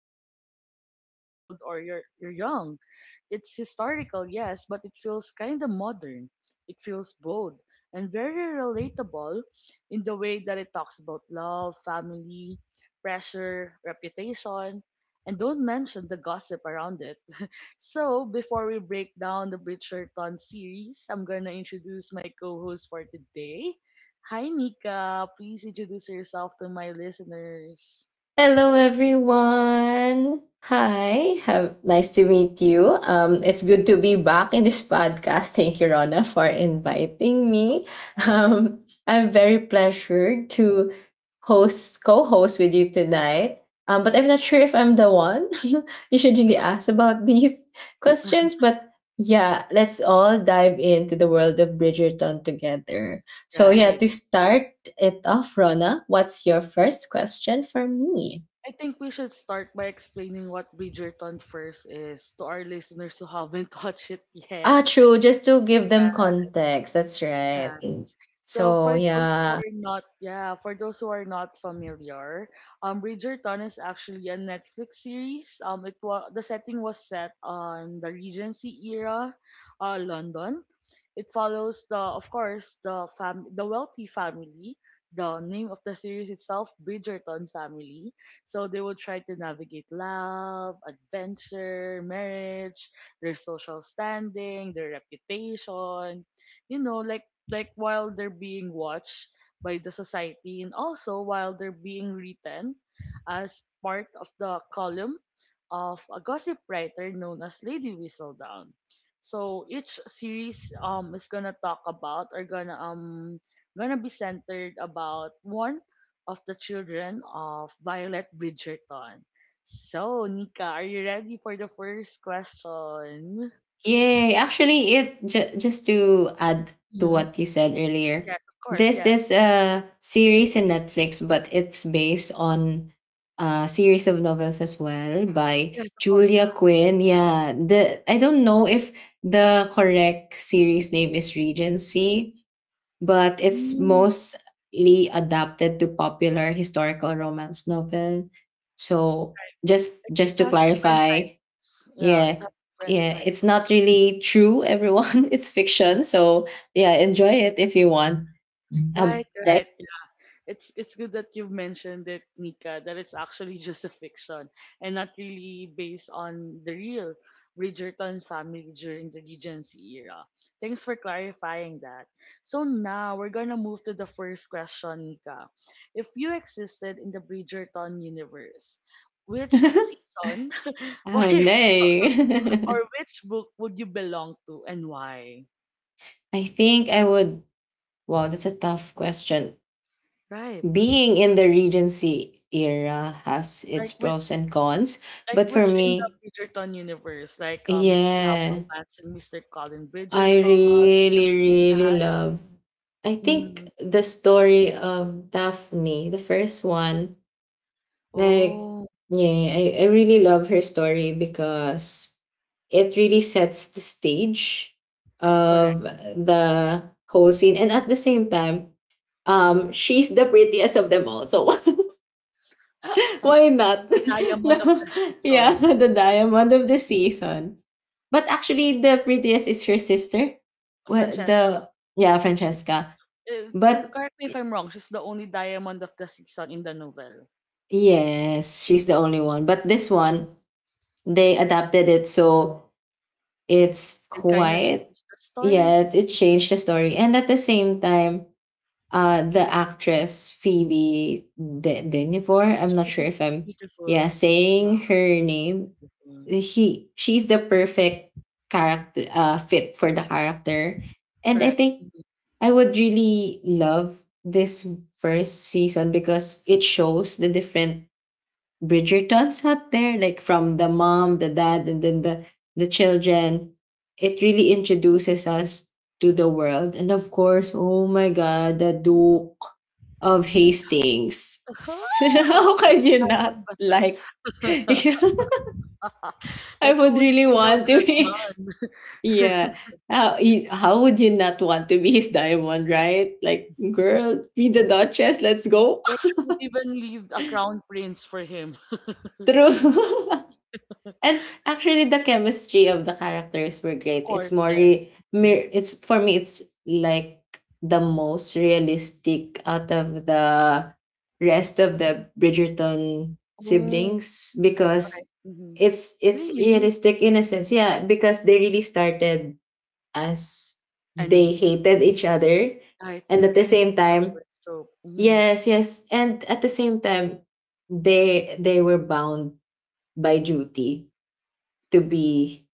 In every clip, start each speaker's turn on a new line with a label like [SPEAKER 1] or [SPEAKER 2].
[SPEAKER 1] you're a woman, whether you're old or you're young. It's historical, yes, but it feels kind of modern. It feels bold and very relatable in the way that it talks about love, family, pressure, reputation, and don't mention the gossip around it. So, before we break down the Bridgerton series, I'm gonna introduce my co host for today. Hi, Nika. Please introduce yourself to my listeners.
[SPEAKER 2] Hello, everyone. Hi, nice to meet you. It's good to be back in this podcast. Thank you, Rona, for inviting me.
[SPEAKER 1] Of course.
[SPEAKER 2] I'm very pleasured to co-host with you tonight. But I'm not sure if I'm the one. You should really ask about these questions. But yeah, let's all dive into the world of Bridgerton together. So yeah,
[SPEAKER 1] Right.
[SPEAKER 2] to start it off, Rona, what's your first question for me?
[SPEAKER 1] I think we should start by explaining what Bridgerton first is to our listeners who haven't watched it yet.
[SPEAKER 2] Ah, true. Just to give them context. That's right.
[SPEAKER 1] Dance. So
[SPEAKER 2] So,
[SPEAKER 1] for those who
[SPEAKER 2] yeah.
[SPEAKER 1] are not, yeah, for those who are not familiar, Bridgerton is actually a Netflix series. It was the setting was set on the Regency era, London. It follows the, of course, the wealthy family. The name of the series itself, Bridgerton's family. So they will try to navigate love, adventure, marriage, their social standing, their reputation, you know, like while they're being watched by the society and also while they're being written as part of the column of a gossip writer known as Lady Whistledown. So each series is gonna talk about or gonna gonna be centered about one of the children of Violet Bridgerton. So Nika, are you ready for the first question?
[SPEAKER 2] Yay. Actually, just to add to
[SPEAKER 1] Mhm.
[SPEAKER 2] what you said earlier,
[SPEAKER 1] Yes, of course.
[SPEAKER 2] this
[SPEAKER 1] Yes.
[SPEAKER 2] is a series in Netflix, but it's based on a series of novels as well by
[SPEAKER 1] Yes, of course.
[SPEAKER 2] Julia Quinn. Yeah. The I don't know if the correct series name is Regency, but it's
[SPEAKER 1] Yeah.
[SPEAKER 2] mostly adapted to popular historical romance novel. So
[SPEAKER 1] Right.
[SPEAKER 2] just
[SPEAKER 1] Like, it
[SPEAKER 2] just to
[SPEAKER 1] has different
[SPEAKER 2] clarify,
[SPEAKER 1] titles. Yeah, it
[SPEAKER 2] yeah,
[SPEAKER 1] has different
[SPEAKER 2] yeah, it's not
[SPEAKER 1] titles.
[SPEAKER 2] really true, everyone. It's fiction. So yeah, enjoy it if you want.
[SPEAKER 1] Right,
[SPEAKER 2] Um,
[SPEAKER 1] right. It's good that you've mentioned it, Nika, that it's actually just a fiction and not really based on the real Bridgerton family during the Regency era. Thanks for clarifying that. So now we're gonna move to the first question, Nika. If you existed in the Bridgerton universe, which
[SPEAKER 2] oh
[SPEAKER 1] season, why,
[SPEAKER 2] no.
[SPEAKER 1] or which book would you belong to and why?
[SPEAKER 2] I think I would wow, that's a tough question.
[SPEAKER 1] Right.
[SPEAKER 2] Being in the Regency era has its
[SPEAKER 1] Like with
[SPEAKER 2] pros and cons,
[SPEAKER 1] like
[SPEAKER 2] but for
[SPEAKER 1] which in the
[SPEAKER 2] me,
[SPEAKER 1] Bridgerton universe, like you have
[SPEAKER 2] yeah,
[SPEAKER 1] romance in Mr. Colin
[SPEAKER 2] I
[SPEAKER 1] Bridgerton.
[SPEAKER 2] really, really love. I think
[SPEAKER 1] Mm.
[SPEAKER 2] the story of Daphne, the first one, like,
[SPEAKER 1] Oh,
[SPEAKER 2] yeah, I really love her story because it really sets the stage
[SPEAKER 1] correct.
[SPEAKER 2] of the whole scene. And at the same time, she's the prettiest of them all. So why not?
[SPEAKER 1] The diamond of
[SPEAKER 2] No,
[SPEAKER 1] the
[SPEAKER 2] yeah,
[SPEAKER 1] season,
[SPEAKER 2] the diamond of the season. But actually, the prettiest is her sister. Well,
[SPEAKER 1] Francesca.
[SPEAKER 2] the Yeah,
[SPEAKER 1] She's
[SPEAKER 2] Francesca. But
[SPEAKER 1] correct me if
[SPEAKER 2] y-
[SPEAKER 1] I'm wrong. She's the only diamond of the season in the novel.
[SPEAKER 2] yes, she's the only one. But this one, they adapted it so it's
[SPEAKER 1] They kind of
[SPEAKER 2] quite
[SPEAKER 1] changed the story.
[SPEAKER 2] yeah, it changed the story. And at the same time, the actress Phoebe De- Denivor. I'm
[SPEAKER 1] It's
[SPEAKER 2] not sure
[SPEAKER 1] really
[SPEAKER 2] if I'm yeah
[SPEAKER 1] beautiful. Yeah,
[SPEAKER 2] saying her name.
[SPEAKER 1] beautiful.
[SPEAKER 2] He She's the perfect character, fit for the character. And I
[SPEAKER 1] Correct.
[SPEAKER 2] think I would really love this first season because it shows the different Bridgertons out there, like from the mom, the dad, and then the children. It really introduces us to the world. And of course, oh my god, the Duke of Hastings.
[SPEAKER 1] Oh,
[SPEAKER 2] How
[SPEAKER 1] okay,
[SPEAKER 2] can you
[SPEAKER 1] Simon
[SPEAKER 2] not
[SPEAKER 1] Bassett.
[SPEAKER 2] like I
[SPEAKER 1] Like
[SPEAKER 2] would
[SPEAKER 1] who would
[SPEAKER 2] really
[SPEAKER 1] say no
[SPEAKER 2] want
[SPEAKER 1] to that
[SPEAKER 2] to be,
[SPEAKER 1] man?
[SPEAKER 2] yeah. How you, how would you not want to be his diamond, right? Like, girl, be the Duchess. Let's go.
[SPEAKER 1] Like, I would even leave a crown prince for him.
[SPEAKER 2] True. And actually, the chemistry of the characters were
[SPEAKER 1] Of
[SPEAKER 2] great. It's
[SPEAKER 1] course,
[SPEAKER 2] more
[SPEAKER 1] yes. Mm.
[SPEAKER 2] it's for me. It's like the most realistic out of the rest of the Bridgerton
[SPEAKER 1] Oh,
[SPEAKER 2] siblings because
[SPEAKER 1] right. Hmm.
[SPEAKER 2] it's
[SPEAKER 1] Really?
[SPEAKER 2] realistic in a sense. Yeah, because they really started as they
[SPEAKER 1] Enemies.
[SPEAKER 2] hated each other.
[SPEAKER 1] Right,
[SPEAKER 2] And
[SPEAKER 1] like
[SPEAKER 2] at the same
[SPEAKER 1] enemies to
[SPEAKER 2] time,
[SPEAKER 1] lovers trope. Hmm.
[SPEAKER 2] yes, yes. And at the same time, they were bound by duty to be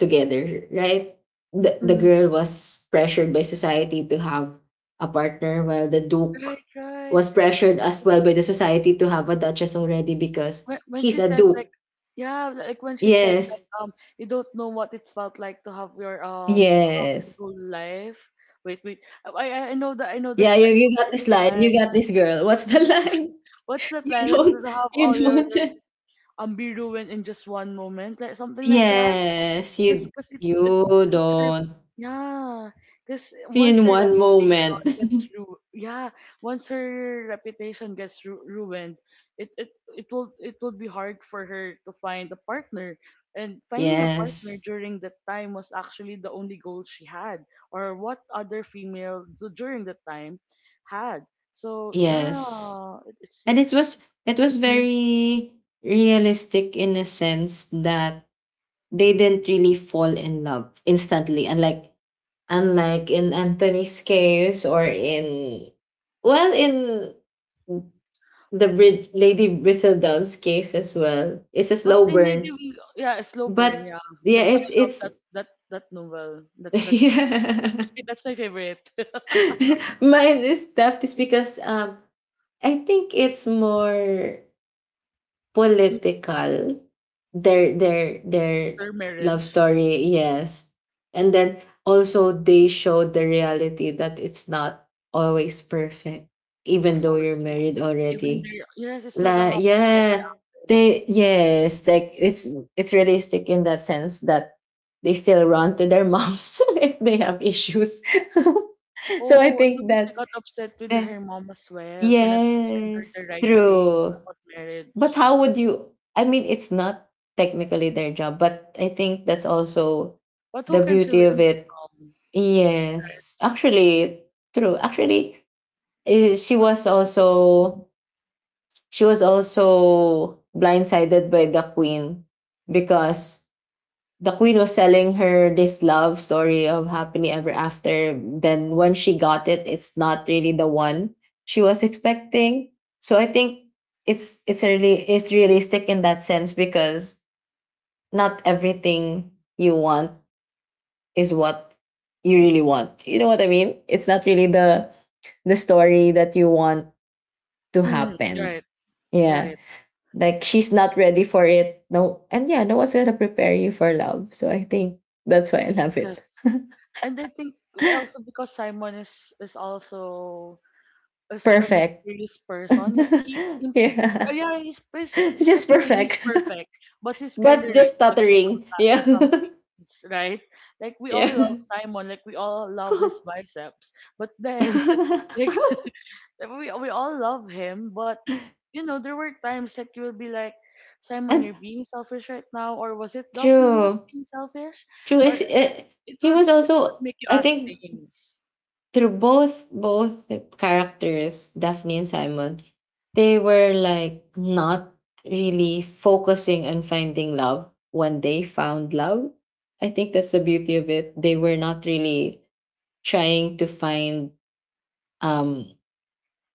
[SPEAKER 2] together, right? The
[SPEAKER 1] Mm.
[SPEAKER 2] girl was pressured by society to have a partner, while the Duke
[SPEAKER 1] Right, right.
[SPEAKER 2] was pressured as well by the society to have a Duchess already because
[SPEAKER 1] When
[SPEAKER 2] he's
[SPEAKER 1] she
[SPEAKER 2] a
[SPEAKER 1] said
[SPEAKER 2] Duke.
[SPEAKER 1] like, yeah, like when she said like,
[SPEAKER 2] Yes,
[SPEAKER 1] you don't know what it felt like to have your
[SPEAKER 2] yes.
[SPEAKER 1] whole life. Wait, wait. I know that. I know that.
[SPEAKER 2] Yeah, you,
[SPEAKER 1] I know
[SPEAKER 2] you got this
[SPEAKER 1] that
[SPEAKER 2] line. You
[SPEAKER 1] line.
[SPEAKER 2] got this, girl. What's the line?
[SPEAKER 1] What's that
[SPEAKER 2] You
[SPEAKER 1] line? Like to
[SPEAKER 2] don't
[SPEAKER 1] have
[SPEAKER 2] you
[SPEAKER 1] all your,
[SPEAKER 2] don't
[SPEAKER 1] your be ruined in just one moment, like something like that.
[SPEAKER 2] Yes,
[SPEAKER 1] Cause,
[SPEAKER 2] you
[SPEAKER 1] cause it, it,
[SPEAKER 2] you
[SPEAKER 1] cause her,
[SPEAKER 2] don't
[SPEAKER 1] yeah, cause once
[SPEAKER 2] in
[SPEAKER 1] her
[SPEAKER 2] one moment.
[SPEAKER 1] reputation yeah, once her reputation ruined, it, it, it will be hard for her to find a partner. And finding a partner
[SPEAKER 2] Yes.
[SPEAKER 1] during that time was actually the only goal she had, or what other female during that time had. So
[SPEAKER 2] Yes.
[SPEAKER 1] yeah, it, it's
[SPEAKER 2] And it was very realistic in a sense that they didn't really fall in love instantly, unlike in Anthony's case, or in well in the Brid Lady Bristledown's case as well. It's a
[SPEAKER 1] What
[SPEAKER 2] slow
[SPEAKER 1] in need
[SPEAKER 2] burn.
[SPEAKER 1] to yeah, a slow burn,
[SPEAKER 2] But
[SPEAKER 1] yeah.
[SPEAKER 2] yeah,
[SPEAKER 1] That's why
[SPEAKER 2] it's
[SPEAKER 1] I love that
[SPEAKER 2] it's
[SPEAKER 1] that that novel. That that's
[SPEAKER 2] yeah.
[SPEAKER 1] that's my favorite.
[SPEAKER 2] Mine is tough is because I think it's more
[SPEAKER 1] Mm,
[SPEAKER 2] political. Their
[SPEAKER 1] Their
[SPEAKER 2] love
[SPEAKER 1] marriage,
[SPEAKER 2] story, yes. And then also they showed the reality that it's not always perfect,
[SPEAKER 1] of
[SPEAKER 2] even though you're
[SPEAKER 1] course,
[SPEAKER 2] married
[SPEAKER 1] yes. Even
[SPEAKER 2] already.
[SPEAKER 1] their yes, it's not a
[SPEAKER 2] La
[SPEAKER 1] happy ever
[SPEAKER 2] yeah.
[SPEAKER 1] after.
[SPEAKER 2] They yes, like it's realistic in that sense that they still run to their moms if they have issues. So I
[SPEAKER 1] Oh, and
[SPEAKER 2] think
[SPEAKER 1] then she got upset with
[SPEAKER 2] eh,
[SPEAKER 1] her mom as well for not teaching her the
[SPEAKER 2] yes,
[SPEAKER 1] right things
[SPEAKER 2] true.
[SPEAKER 1] about
[SPEAKER 2] But
[SPEAKER 1] marriage.
[SPEAKER 2] how would you, I mean it's not technically their job, but I think that's also
[SPEAKER 1] But who
[SPEAKER 2] the
[SPEAKER 1] can she
[SPEAKER 2] beauty of
[SPEAKER 1] learn it
[SPEAKER 2] it.
[SPEAKER 1] from?
[SPEAKER 2] Yes.
[SPEAKER 1] Right?
[SPEAKER 2] Actually, true. Actually, eh, she
[SPEAKER 1] What
[SPEAKER 2] was
[SPEAKER 1] was she sup-
[SPEAKER 2] also she was also blindsided by the queen because the queen was selling her this love story of happily ever after. Then when she got it, it's not really the one she was expecting. So I think it's a really it's realistic in that sense because not everything you want is what you really want. You know what I mean? It's not really the story that you want to
[SPEAKER 1] Mm,
[SPEAKER 2] happen.
[SPEAKER 1] right,
[SPEAKER 2] Yeah.
[SPEAKER 1] right.
[SPEAKER 2] Like she's not ready for it. No, and yeah, no one's gonna prepare you for love. So I think that's why I love it.
[SPEAKER 1] Yes. And I think also because Simon is also as a
[SPEAKER 2] Perfect.
[SPEAKER 1] mysterious person. Like he's, in,
[SPEAKER 2] Yeah.
[SPEAKER 1] yeah, he's pres-
[SPEAKER 2] It's just
[SPEAKER 1] physically he's
[SPEAKER 2] perfect.
[SPEAKER 1] perfect, but he's kind of
[SPEAKER 2] But
[SPEAKER 1] red
[SPEAKER 2] just
[SPEAKER 1] flag in
[SPEAKER 2] stuttering.
[SPEAKER 1] in
[SPEAKER 2] Yeah.
[SPEAKER 1] some scenes, right? Like we all
[SPEAKER 2] Yeah.
[SPEAKER 1] love Simon, like we all love his biceps, but then like we all love him, but you know there were times that you will be like. Simon, you're
[SPEAKER 2] And
[SPEAKER 1] being selfish right now, or was it Daphne who was
[SPEAKER 2] true.
[SPEAKER 1] being selfish?
[SPEAKER 2] True
[SPEAKER 1] Or
[SPEAKER 2] is
[SPEAKER 1] like it
[SPEAKER 2] he
[SPEAKER 1] would
[SPEAKER 2] was
[SPEAKER 1] it would
[SPEAKER 2] also,
[SPEAKER 1] make you
[SPEAKER 2] I
[SPEAKER 1] ask
[SPEAKER 2] think,
[SPEAKER 1] things.
[SPEAKER 2] through both characters, Daphne and Simon, they were like not really focusing on finding love when they found love. I think that's the beauty of it. They were not really trying to find um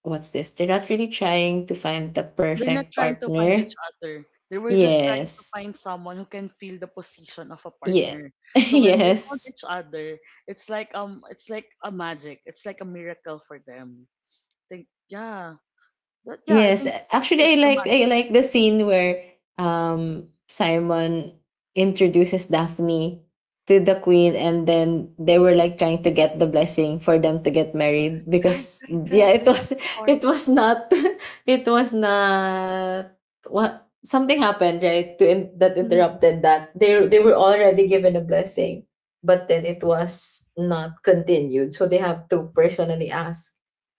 [SPEAKER 2] what's this they're not really trying to find the
[SPEAKER 1] They're not
[SPEAKER 2] perfect
[SPEAKER 1] trying to find
[SPEAKER 2] partner.
[SPEAKER 1] each other. They were just trying to
[SPEAKER 2] Yes.
[SPEAKER 1] find someone who can fill the position of a
[SPEAKER 2] Yeah.
[SPEAKER 1] partner. So when they found
[SPEAKER 2] Yes.
[SPEAKER 1] each other, it's like a magic. It's like a miracle for them. Think yeah. That, yeah, I
[SPEAKER 2] Yes,
[SPEAKER 1] think
[SPEAKER 2] actually,
[SPEAKER 1] that's the
[SPEAKER 2] I
[SPEAKER 1] magic of
[SPEAKER 2] like
[SPEAKER 1] it.
[SPEAKER 2] the scene where Simon introduces Daphne to the queen, and then they were like trying to get the blessing for them to get married
[SPEAKER 1] Right,
[SPEAKER 2] because
[SPEAKER 1] right,
[SPEAKER 2] yeah,
[SPEAKER 1] right. I
[SPEAKER 2] it
[SPEAKER 1] love
[SPEAKER 2] was
[SPEAKER 1] the part.
[SPEAKER 2] it was not it was not what something happened right to in, that
[SPEAKER 1] Mhm.
[SPEAKER 2] interrupted that they were already given a blessing, but then it was not continued, so they have to personally ask.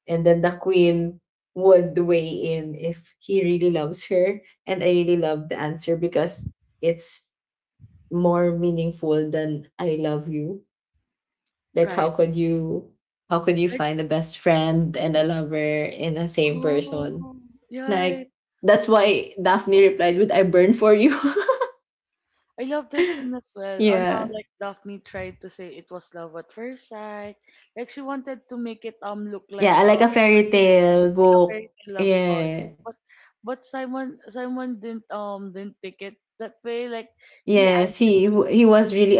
[SPEAKER 2] And then the queen would weigh in if he really loves her. And I really love the answer because it's more meaningful than I love you. Like
[SPEAKER 1] Right.
[SPEAKER 2] how could you
[SPEAKER 1] Like
[SPEAKER 2] find a best friend and a lover in the same person?
[SPEAKER 1] oh yeah.
[SPEAKER 2] Like that's why Daphne replied with I burn for you.
[SPEAKER 1] I love that scene as well on how
[SPEAKER 2] Yeah.
[SPEAKER 1] like Daphne tried to say it was love at first sight. Like she wanted to make it look
[SPEAKER 2] Yeah,
[SPEAKER 1] like
[SPEAKER 2] I like a
[SPEAKER 1] a
[SPEAKER 2] fairy
[SPEAKER 1] really
[SPEAKER 2] tale
[SPEAKER 1] fairy
[SPEAKER 2] book.
[SPEAKER 1] tale love story.
[SPEAKER 2] Yeah.
[SPEAKER 1] But but Simon didn't take it that way. Like he
[SPEAKER 2] Yes,
[SPEAKER 1] answered
[SPEAKER 2] he
[SPEAKER 1] truthfully.
[SPEAKER 2] was really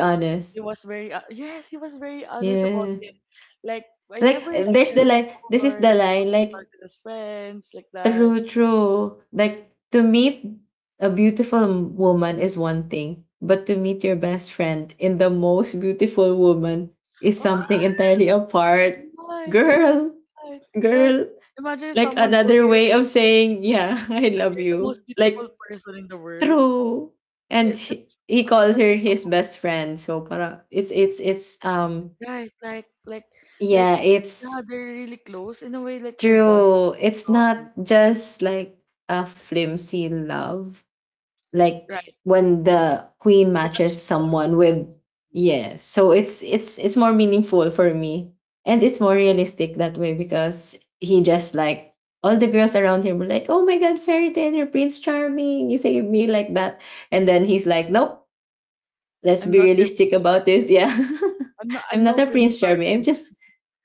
[SPEAKER 1] He
[SPEAKER 2] honest.
[SPEAKER 1] was very yes, he was very honest about
[SPEAKER 2] Yeah.
[SPEAKER 1] it. Like I
[SPEAKER 2] Like
[SPEAKER 1] never liked
[SPEAKER 2] there's the
[SPEAKER 1] her
[SPEAKER 2] line this is
[SPEAKER 1] before.
[SPEAKER 2] the
[SPEAKER 1] Like we
[SPEAKER 2] line
[SPEAKER 1] were
[SPEAKER 2] like
[SPEAKER 1] started as friends, like that.
[SPEAKER 2] true, true. Like to meet a woman is one thing, but to meet your best friend in the most beautiful woman is
[SPEAKER 1] Oh,
[SPEAKER 2] something entirely apart.
[SPEAKER 1] right, right,
[SPEAKER 2] Girl,
[SPEAKER 1] right, right.
[SPEAKER 2] girl,
[SPEAKER 1] Imagine if
[SPEAKER 2] like
[SPEAKER 1] someone told
[SPEAKER 2] another
[SPEAKER 1] you
[SPEAKER 2] way of saying, yeah, I love
[SPEAKER 1] you're the
[SPEAKER 2] you.
[SPEAKER 1] most beautiful
[SPEAKER 2] Like
[SPEAKER 1] person in the world.
[SPEAKER 2] true.
[SPEAKER 1] Eh,
[SPEAKER 2] And she,
[SPEAKER 1] that's
[SPEAKER 2] he
[SPEAKER 1] ah,
[SPEAKER 2] called
[SPEAKER 1] that's
[SPEAKER 2] her
[SPEAKER 1] not
[SPEAKER 2] his best friend. So para it's
[SPEAKER 1] a- right. Like
[SPEAKER 2] yeah,
[SPEAKER 1] yeah,
[SPEAKER 2] it's
[SPEAKER 1] they're really close in a way. Like their bond is
[SPEAKER 2] true. It's
[SPEAKER 1] so strong.
[SPEAKER 2] not just like a flimsy love like
[SPEAKER 1] Right.
[SPEAKER 2] when
[SPEAKER 1] Mm.
[SPEAKER 2] the queen
[SPEAKER 1] Like a
[SPEAKER 2] matches
[SPEAKER 1] cheap one.
[SPEAKER 2] someone with
[SPEAKER 1] Yes. Mm.
[SPEAKER 2] yeah so it's more meaningful for me, and it's more realistic that way because he just like all the girls around him were like oh my god fairy tale you're prince charming you saved me like that. And then he's like nope, let's
[SPEAKER 1] I'm
[SPEAKER 2] be
[SPEAKER 1] not your
[SPEAKER 2] realistic
[SPEAKER 1] Prince
[SPEAKER 2] about
[SPEAKER 1] Charming.
[SPEAKER 2] this, yeah.
[SPEAKER 1] I'm not.
[SPEAKER 2] I'm
[SPEAKER 1] I'm no
[SPEAKER 2] not a
[SPEAKER 1] Prince
[SPEAKER 2] prince charming, I'm
[SPEAKER 1] Charming.
[SPEAKER 2] just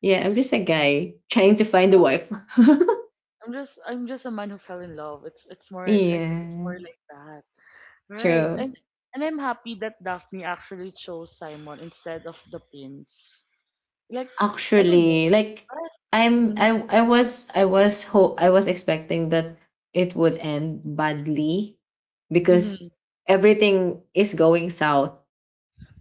[SPEAKER 2] yeah, I'm just a guy trying to find a
[SPEAKER 1] Yeah.
[SPEAKER 2] wife.
[SPEAKER 1] I'm just. I'm just a man who fell in love. It's. It's more. I think it's
[SPEAKER 2] Yeah,
[SPEAKER 1] more like that. Right.
[SPEAKER 2] true.
[SPEAKER 1] And I'm happy that Daphne actually chose Simon instead of the prince. Like I don't
[SPEAKER 2] Actually,
[SPEAKER 1] know.
[SPEAKER 2] like
[SPEAKER 1] Right.
[SPEAKER 2] I'm
[SPEAKER 1] Mm-hmm.
[SPEAKER 2] I was I was expecting that it would end badly because
[SPEAKER 1] Mm-hmm.
[SPEAKER 2] everything is going south.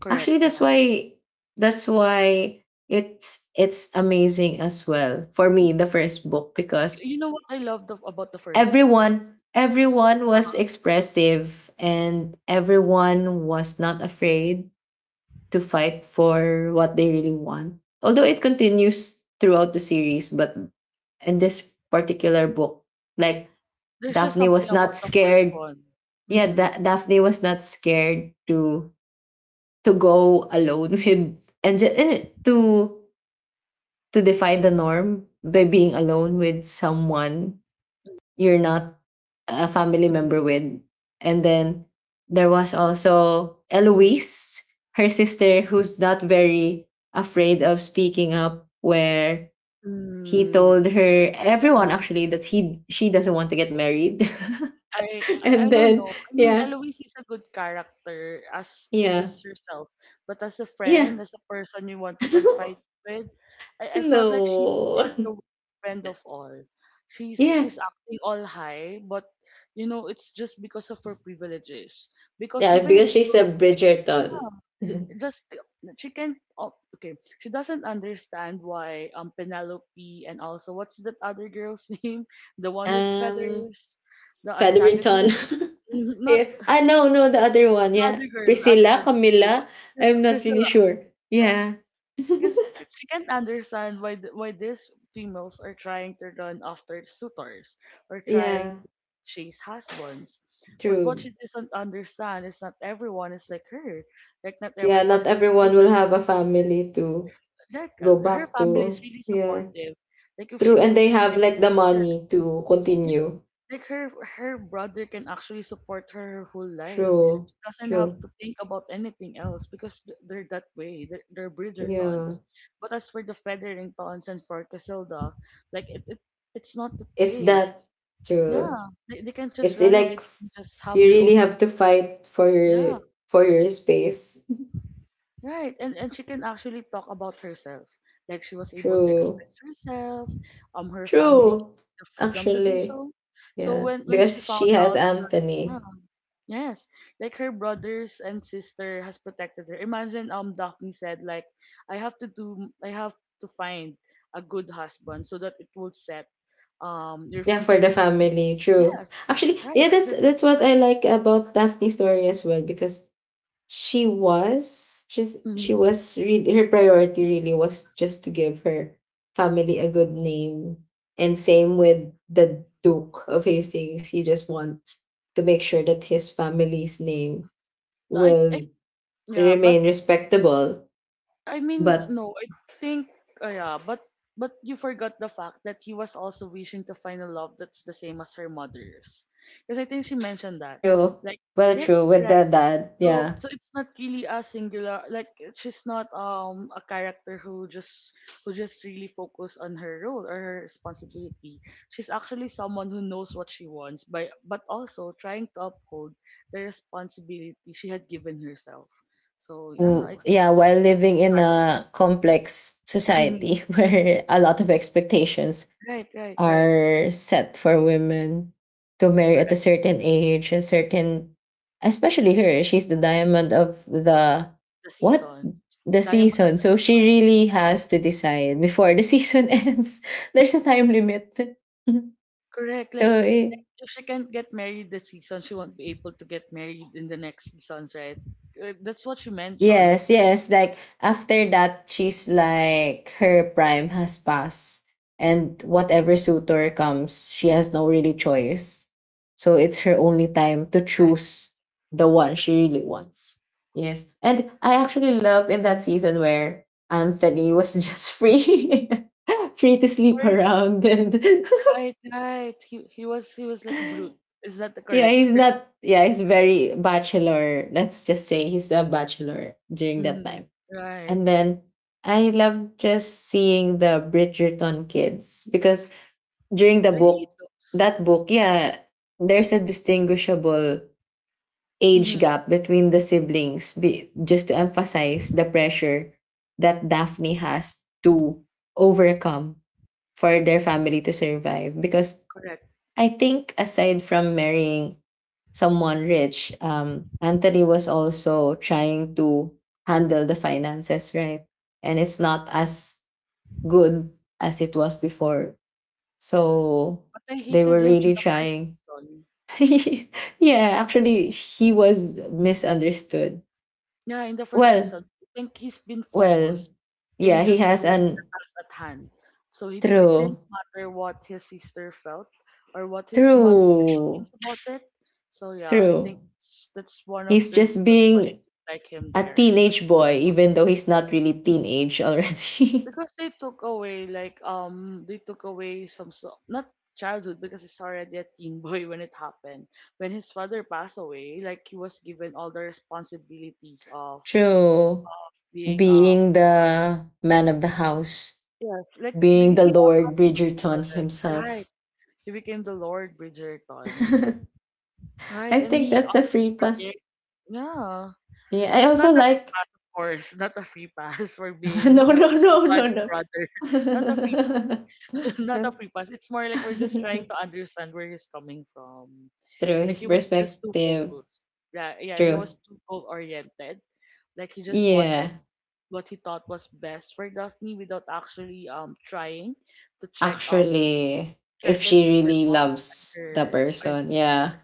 [SPEAKER 1] Correct.
[SPEAKER 2] Actually, that's
[SPEAKER 1] Yeah.
[SPEAKER 2] why that's why it's amazing as well for me, the first book,
[SPEAKER 1] Y-
[SPEAKER 2] because
[SPEAKER 1] You know what I loved of, about the first.
[SPEAKER 2] everyone was
[SPEAKER 1] Uh-huh.
[SPEAKER 2] expressive and everyone was not afraid to fight for what they really want. Although it continues throughout the series, but in this particular book, like
[SPEAKER 1] There's just
[SPEAKER 2] Daphne
[SPEAKER 1] something
[SPEAKER 2] was
[SPEAKER 1] about
[SPEAKER 2] not
[SPEAKER 1] the first
[SPEAKER 2] scared.
[SPEAKER 1] one.
[SPEAKER 2] Yeah,
[SPEAKER 1] Mm-hmm.
[SPEAKER 2] da- Daphne was not scared to go alone with and to defy the norm by being alone with someone you're not a family member
[SPEAKER 1] Mm-hmm.
[SPEAKER 2] with. And then there was also
[SPEAKER 1] Mm-hmm.
[SPEAKER 2] Eloise, her sister, who's not very afraid of speaking up, where he told her everyone
[SPEAKER 1] Mm-hmm.
[SPEAKER 2] actually that he she doesn't want to get married.
[SPEAKER 1] I I I
[SPEAKER 2] And
[SPEAKER 1] don't
[SPEAKER 2] then
[SPEAKER 1] know. I mean,
[SPEAKER 2] yeah,
[SPEAKER 1] Eloise is a good character as
[SPEAKER 2] yeah,
[SPEAKER 1] just herself, but as a
[SPEAKER 2] yeah.
[SPEAKER 1] friend, as a person you want to confide with, I felt like she's the
[SPEAKER 2] No.
[SPEAKER 1] worst friend of all. She's
[SPEAKER 2] Yeah.
[SPEAKER 1] she's acting all high, but you know it's just because of her privileges. Because
[SPEAKER 2] Yeah,
[SPEAKER 1] even if
[SPEAKER 2] because
[SPEAKER 1] she
[SPEAKER 2] she's
[SPEAKER 1] don't,
[SPEAKER 2] a Bridgerton.
[SPEAKER 1] yeah, just she can oh, okay she doesn't understand why penelope and also what's that other girl's name the one with
[SPEAKER 2] Um
[SPEAKER 1] feathers the
[SPEAKER 2] Featherington.
[SPEAKER 1] antagonist Mhm, not
[SPEAKER 2] Yeah. Ah, no, no, the other one.
[SPEAKER 1] the
[SPEAKER 2] Yeah.
[SPEAKER 1] other girl the other girl
[SPEAKER 2] Priscilla,
[SPEAKER 1] the bully one
[SPEAKER 2] Camilla.
[SPEAKER 1] Chris-
[SPEAKER 2] I'm not really
[SPEAKER 1] Priscilla,
[SPEAKER 2] sure. Yeah.
[SPEAKER 1] because she can't understand why these females are trying to run after suitors or trying
[SPEAKER 2] Yeah.
[SPEAKER 1] to chase husbands. But what
[SPEAKER 2] True.
[SPEAKER 1] she doesn't understand is not everyone is like her. Like not
[SPEAKER 2] Yeah,
[SPEAKER 1] everyone
[SPEAKER 2] not
[SPEAKER 1] is as
[SPEAKER 2] everyone will
[SPEAKER 1] privileged
[SPEAKER 2] have a family to
[SPEAKER 1] like
[SPEAKER 2] go
[SPEAKER 1] her
[SPEAKER 2] back
[SPEAKER 1] family is
[SPEAKER 2] to.
[SPEAKER 1] really
[SPEAKER 2] Yeah.
[SPEAKER 1] supportive. Like if she
[SPEAKER 2] True. And
[SPEAKER 1] can
[SPEAKER 2] they
[SPEAKER 1] get
[SPEAKER 2] have like
[SPEAKER 1] married,
[SPEAKER 2] the
[SPEAKER 1] her
[SPEAKER 2] money to
[SPEAKER 1] yeah,
[SPEAKER 2] continue.
[SPEAKER 1] like her her brother can actually support her her whole life.
[SPEAKER 2] True.
[SPEAKER 1] She doesn't have
[SPEAKER 2] True.
[SPEAKER 1] to think about anything else because they're that way. They're
[SPEAKER 2] Yeah.
[SPEAKER 1] Bridgertons. But as for the Featheringtons and for Casilda, like it it's not that
[SPEAKER 2] It's
[SPEAKER 1] way.
[SPEAKER 2] that true.
[SPEAKER 1] Yeah, they can just
[SPEAKER 2] It's
[SPEAKER 1] run away.
[SPEAKER 2] like
[SPEAKER 1] They
[SPEAKER 2] f-
[SPEAKER 1] can just have
[SPEAKER 2] you
[SPEAKER 1] their
[SPEAKER 2] really
[SPEAKER 1] own.
[SPEAKER 2] have to fight
[SPEAKER 1] Yeah,
[SPEAKER 2] for your space.
[SPEAKER 1] right, and she can actually talk about herself. Like she was able to
[SPEAKER 2] True.
[SPEAKER 1] express herself. Her family
[SPEAKER 2] True.
[SPEAKER 1] gives her the freedom to do
[SPEAKER 2] Actually.
[SPEAKER 1] so. So
[SPEAKER 2] Yeah,
[SPEAKER 1] when she
[SPEAKER 2] because she
[SPEAKER 1] found
[SPEAKER 2] has
[SPEAKER 1] out,
[SPEAKER 2] Anthony.
[SPEAKER 1] um, yes, like her brothers and sister has protected her. Imagine Daphne said like, I have to do, I have to find a good husband so that it will set your
[SPEAKER 2] Yeah, for the
[SPEAKER 1] future.
[SPEAKER 2] family. True.
[SPEAKER 1] Yes,
[SPEAKER 2] Actually,
[SPEAKER 1] right,
[SPEAKER 2] yeah, that's
[SPEAKER 1] because it would
[SPEAKER 2] that's what I
[SPEAKER 1] reflect.
[SPEAKER 2] like about Daphne's story as well because she
[SPEAKER 1] Hmm.
[SPEAKER 2] was really her priority really was just to give her family a good name. And same with the Duke of Hastings. He just wants to make sure that his family's name
[SPEAKER 1] I
[SPEAKER 2] will
[SPEAKER 1] yeah, but
[SPEAKER 2] remain respectable.
[SPEAKER 1] I mean,
[SPEAKER 2] But
[SPEAKER 1] no, I think, yeah, but you forgot the fact that he was also wishing to find a love that's the same as her mother's, because I think she mentioned that,
[SPEAKER 2] true.
[SPEAKER 1] like,
[SPEAKER 2] Well
[SPEAKER 1] like
[SPEAKER 2] true with
[SPEAKER 1] right.
[SPEAKER 2] the dad,
[SPEAKER 1] So
[SPEAKER 2] yeah.
[SPEAKER 1] so it's not really a singular, like she's not a character who just really focus on her role or her responsibility. She's actually someone who knows what she wants, by but also trying to uphold the responsibility she had given herself. So yeah, I
[SPEAKER 2] W
[SPEAKER 1] think.
[SPEAKER 2] yeah, while
[SPEAKER 1] She's a
[SPEAKER 2] living
[SPEAKER 1] good
[SPEAKER 2] in a complex
[SPEAKER 1] Mhm.
[SPEAKER 2] society where a lot of expectations
[SPEAKER 1] Right, right, right.
[SPEAKER 2] are set for women to marry at a
[SPEAKER 1] Correct.
[SPEAKER 2] certain
[SPEAKER 1] Mhm.
[SPEAKER 2] age, a certain, especially her, she's the diamond of the
[SPEAKER 1] The
[SPEAKER 2] what?
[SPEAKER 1] season.
[SPEAKER 2] The
[SPEAKER 1] Diamond of
[SPEAKER 2] season.
[SPEAKER 1] the
[SPEAKER 2] So she
[SPEAKER 1] season.
[SPEAKER 2] really has to decide before the season ends. There's a time limit.
[SPEAKER 1] Correct.
[SPEAKER 2] So,
[SPEAKER 1] Like if she can't get married this season, she won't be able to get married in the next seasons, right? That's what she mentioned. Like
[SPEAKER 2] yes,
[SPEAKER 1] that's
[SPEAKER 2] yes.
[SPEAKER 1] what
[SPEAKER 2] Like
[SPEAKER 1] she
[SPEAKER 2] after that, she's like her prime has passed, and whatever suitor comes, she has no really choice. So it's her only time to
[SPEAKER 1] said. Right.
[SPEAKER 2] choose the one she really wants. Yes, and I actually love in that season where Anthony was just free, free to sleep
[SPEAKER 1] Sorry,
[SPEAKER 2] around. And
[SPEAKER 1] right, right. He was he was like a brute. Is that the
[SPEAKER 2] yeah,
[SPEAKER 1] correct
[SPEAKER 2] he's
[SPEAKER 1] term?
[SPEAKER 2] not. Yeah, he's very bachelor. Let's just say he's a bachelor during that
[SPEAKER 1] Mhm.
[SPEAKER 2] time,
[SPEAKER 1] Right.
[SPEAKER 2] and then I love just seeing the Bridgerton kids because during the
[SPEAKER 1] They're really
[SPEAKER 2] book,
[SPEAKER 1] close.
[SPEAKER 2] that book, yeah, there's a distinguishable age
[SPEAKER 1] Mm-hmm.
[SPEAKER 2] gap between the siblings, just to emphasize the pressure that Daphne has to overcome for their family to survive. Because
[SPEAKER 1] Correct.
[SPEAKER 2] I think aside from marrying someone rich, Anthony was also trying to handle the finances, right? And it's not as good as it was before. So
[SPEAKER 1] But I
[SPEAKER 2] they were
[SPEAKER 1] hated him in
[SPEAKER 2] really
[SPEAKER 1] the first
[SPEAKER 2] trying.
[SPEAKER 1] season.
[SPEAKER 2] Yeah, actually, he was misunderstood.
[SPEAKER 1] Yeah, in the first season,
[SPEAKER 2] Well,
[SPEAKER 1] I think he's been
[SPEAKER 2] well,
[SPEAKER 1] focused
[SPEAKER 2] yeah,
[SPEAKER 1] in
[SPEAKER 2] he
[SPEAKER 1] just
[SPEAKER 2] has
[SPEAKER 1] doing
[SPEAKER 2] an
[SPEAKER 1] the task at hand. So it didn't
[SPEAKER 2] true,
[SPEAKER 1] matter what his sister felt or what his mother
[SPEAKER 2] true,
[SPEAKER 1] thinks about it. So yeah, I
[SPEAKER 2] true.
[SPEAKER 1] think that's one of
[SPEAKER 2] He's
[SPEAKER 1] the
[SPEAKER 2] just
[SPEAKER 1] reasons why I
[SPEAKER 2] being
[SPEAKER 1] didn't like him
[SPEAKER 2] a
[SPEAKER 1] there in the
[SPEAKER 2] teenage
[SPEAKER 1] first
[SPEAKER 2] boy,
[SPEAKER 1] season.
[SPEAKER 2] even though he's not really teenage already.
[SPEAKER 1] Because they took away like they took away some so not childhood because he's already a teen boy when it happened. When his father passed away, like he was given all the responsibilities of
[SPEAKER 2] True.
[SPEAKER 1] of being a
[SPEAKER 2] Being the man of the house,
[SPEAKER 1] Yes, like
[SPEAKER 2] being the
[SPEAKER 1] he also
[SPEAKER 2] Lord
[SPEAKER 1] has a position,
[SPEAKER 2] Bridgerton
[SPEAKER 1] right? Right.
[SPEAKER 2] himself.
[SPEAKER 1] He became the Lord Bridgerton. Right,
[SPEAKER 2] I
[SPEAKER 1] and
[SPEAKER 2] think
[SPEAKER 1] he
[SPEAKER 2] that's a
[SPEAKER 1] actually
[SPEAKER 2] free
[SPEAKER 1] prepared.
[SPEAKER 2] pass.
[SPEAKER 1] Yeah,
[SPEAKER 2] Yeah, I
[SPEAKER 1] but
[SPEAKER 2] also
[SPEAKER 1] not a free
[SPEAKER 2] like.
[SPEAKER 1] pass, of course. Not a free pass for being, you
[SPEAKER 2] No, no,
[SPEAKER 1] know, a
[SPEAKER 2] no,
[SPEAKER 1] bad
[SPEAKER 2] no, no.
[SPEAKER 1] brother. Not a free pass. Not a
[SPEAKER 2] No.
[SPEAKER 1] free pass. It's more like we're just trying to understand where he's coming from.
[SPEAKER 2] True,
[SPEAKER 1] Like
[SPEAKER 2] his
[SPEAKER 1] he was just too
[SPEAKER 2] perspective.
[SPEAKER 1] focused. Yeah, yeah, he was
[SPEAKER 2] True.
[SPEAKER 1] too goal oriented. Like he just wanted
[SPEAKER 2] Yeah.
[SPEAKER 1] what he thought was best for Daphne without actually trying to check um
[SPEAKER 2] Actually, if
[SPEAKER 1] check it
[SPEAKER 2] she
[SPEAKER 1] with her
[SPEAKER 2] really
[SPEAKER 1] mom
[SPEAKER 2] loves the
[SPEAKER 1] and
[SPEAKER 2] person,
[SPEAKER 1] his sister.
[SPEAKER 2] yeah.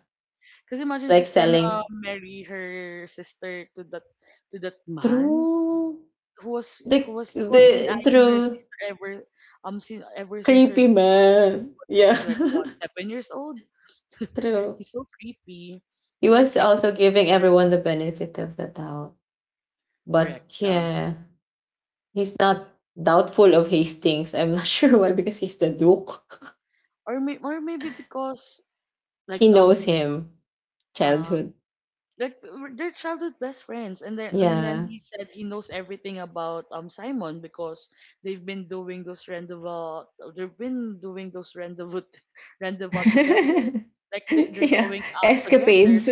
[SPEAKER 1] Because
[SPEAKER 2] It's
[SPEAKER 1] imagine
[SPEAKER 2] like
[SPEAKER 1] she's
[SPEAKER 2] selling.
[SPEAKER 1] gonna marry her sister to that man
[SPEAKER 2] True.
[SPEAKER 1] who was
[SPEAKER 2] The
[SPEAKER 1] who was who has been
[SPEAKER 2] the
[SPEAKER 1] eyeing her
[SPEAKER 2] true
[SPEAKER 1] sister ever since her
[SPEAKER 2] creepy
[SPEAKER 1] sister was
[SPEAKER 2] man.
[SPEAKER 1] was
[SPEAKER 2] Yeah.
[SPEAKER 1] was like what 7 years old.
[SPEAKER 2] True.
[SPEAKER 1] He's so creepy.
[SPEAKER 2] He
[SPEAKER 1] Like
[SPEAKER 2] was also giving everyone the benefit of the doubt. But
[SPEAKER 1] correct, yeah.
[SPEAKER 2] yeah, he's not doubtful of Hastings. I'm not sure why, because he's the duke.
[SPEAKER 1] Or maybe because like
[SPEAKER 2] He
[SPEAKER 1] um
[SPEAKER 2] knows him.
[SPEAKER 1] uh
[SPEAKER 2] Childhood.
[SPEAKER 1] like they're childhood best friends and then
[SPEAKER 2] Yeah.
[SPEAKER 1] he said he knows everything about Simon because they've been doing those rendezvous rendezvous together like they're
[SPEAKER 2] Yeah.
[SPEAKER 1] going out together
[SPEAKER 2] Escapades.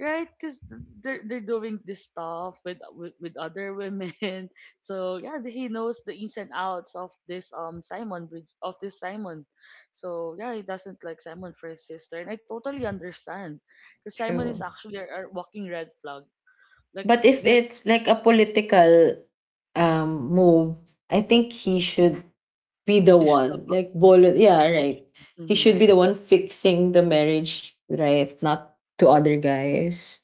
[SPEAKER 1] right because they're doing this stuff with other women so yeah he knows the ins and outs of this Simon so yeah he doesn't like Simon for his sister and I totally understand because Simon is
[SPEAKER 2] True.
[SPEAKER 1] actually a walking red flag like
[SPEAKER 2] But if
[SPEAKER 1] like
[SPEAKER 2] it's like a political move, I think he should be the
[SPEAKER 1] you should have
[SPEAKER 2] one like yeah, right,
[SPEAKER 1] approached him.
[SPEAKER 2] he
[SPEAKER 1] Mhm,
[SPEAKER 2] should be
[SPEAKER 1] right.
[SPEAKER 2] the one fixing the marriage, right, not to other guys.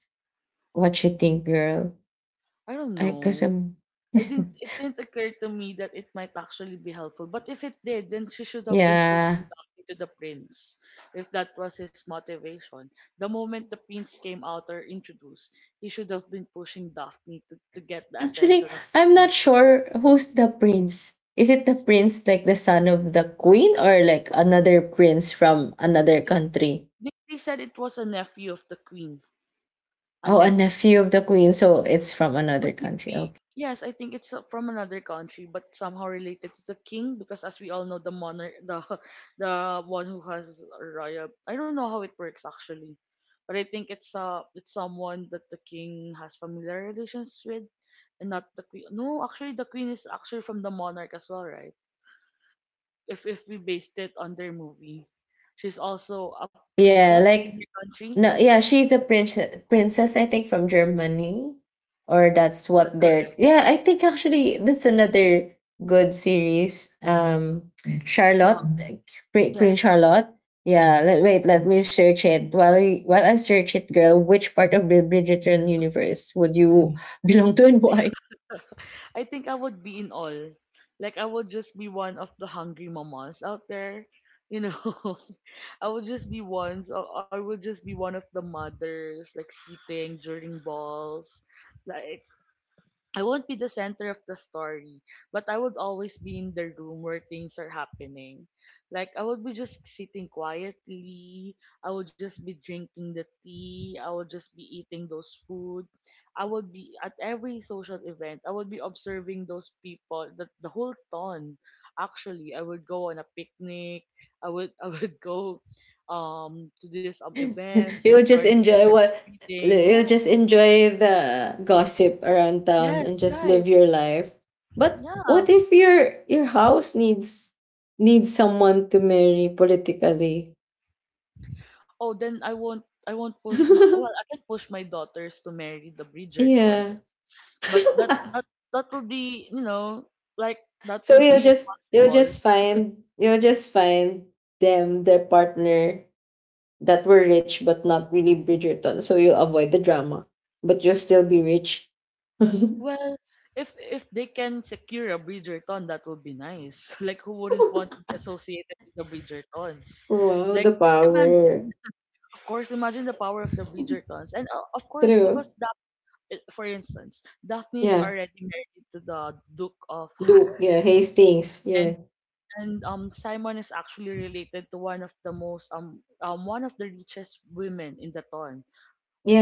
[SPEAKER 2] What you think, girl?
[SPEAKER 1] I don't
[SPEAKER 2] I because
[SPEAKER 1] know.
[SPEAKER 2] I'm
[SPEAKER 1] I didn't It didn't occur to me that it might actually be helpful. But if it did, then she should have been posting
[SPEAKER 2] yeah,
[SPEAKER 1] directly to the prince, if that was his motivation. The moment the prince came out or introduced, he should have been pushing Daphne to get the attention
[SPEAKER 2] actually,
[SPEAKER 1] of the
[SPEAKER 2] I'm not
[SPEAKER 1] prince.
[SPEAKER 2] sure who's the prince. Is it the prince like the son of the queen, or like another prince from another country?
[SPEAKER 1] They said it was a nephew of the queen, a
[SPEAKER 2] Oh, a
[SPEAKER 1] nephew.
[SPEAKER 2] nephew of the queen, so it's from
[SPEAKER 1] But
[SPEAKER 2] another country.
[SPEAKER 1] maybe,
[SPEAKER 2] Okay.
[SPEAKER 1] yes, I think it's from another country, but somehow related to the king, because as we all know, the monarch, the the one who has royal. I don't know how it works actually, but I think it's someone that the king has familiar relations with, and not the queen. No, actually, the queen is actually from the monarch as well, right? If we based it on their movie, she's also a
[SPEAKER 2] Yeah,
[SPEAKER 1] princess in
[SPEAKER 2] like,
[SPEAKER 1] their country. Is
[SPEAKER 2] no, yeah, she's a princess, I think, from Germany, or that's
[SPEAKER 1] that
[SPEAKER 2] what
[SPEAKER 1] correct?
[SPEAKER 2] they're. Yeah, I think actually that's another good series. Charlotte,
[SPEAKER 1] Uh-huh.
[SPEAKER 2] like, Queen
[SPEAKER 1] Yes.
[SPEAKER 2] Charlotte. Yeah,
[SPEAKER 1] Yes.
[SPEAKER 2] wait,
[SPEAKER 1] Yes.
[SPEAKER 2] let me search it while I search it, girl. Which part of the Bridgerton universe would you belong to and why?
[SPEAKER 1] I think I would be in all. Like I would just be one of the hungry mamas out there. You know, I would just be ones. I would just be one of the mothers, like sitting during balls, like I won't be the center of the story, but I would always be in the room where things are happening. Like, I would be just sitting quietly. I would just be drinking the tea. I would just be eating those food. I would be at every social event. I would be observing those people, the whole ton. Actually, I would go on a picnic. I would I would go to this events, this
[SPEAKER 2] You'll just
[SPEAKER 1] garden or
[SPEAKER 2] enjoy what
[SPEAKER 1] reading.
[SPEAKER 2] you'll just
[SPEAKER 1] Yes.
[SPEAKER 2] enjoy the gossip around town and
[SPEAKER 1] Yes,
[SPEAKER 2] just live
[SPEAKER 1] right.
[SPEAKER 2] your life. But what
[SPEAKER 1] Yeah.
[SPEAKER 2] if your house needs someone to marry politically?
[SPEAKER 1] Oh, then I won't push my well, I can push my daughters to marry the Bridgertons.
[SPEAKER 2] Yeah.
[SPEAKER 1] But that that that would be, you know, like that
[SPEAKER 2] So
[SPEAKER 1] wouldn't
[SPEAKER 2] you'll
[SPEAKER 1] be
[SPEAKER 2] just you'll
[SPEAKER 1] possible.
[SPEAKER 2] just find you'll just find them their partner that were rich but not really Bridgerton. So you'll avoid the drama, but you'll still be rich.
[SPEAKER 1] Well, if they can secure a Bridgerton, that would be nice. Like who wouldn't
[SPEAKER 2] Wow,
[SPEAKER 1] want to be associated with the Bridgertons? Like
[SPEAKER 2] the power.
[SPEAKER 1] imagine, of course, imagine the power of the Bridgertons. And of course because
[SPEAKER 2] True.
[SPEAKER 1] For instance, Daphne is
[SPEAKER 2] Yeah.
[SPEAKER 1] already married to the Duke of
[SPEAKER 2] Duke. Yeah.
[SPEAKER 1] Hastings.
[SPEAKER 2] Hastings.
[SPEAKER 1] And
[SPEAKER 2] Yeah.
[SPEAKER 1] Simon is actually related to one of the richest women in the town,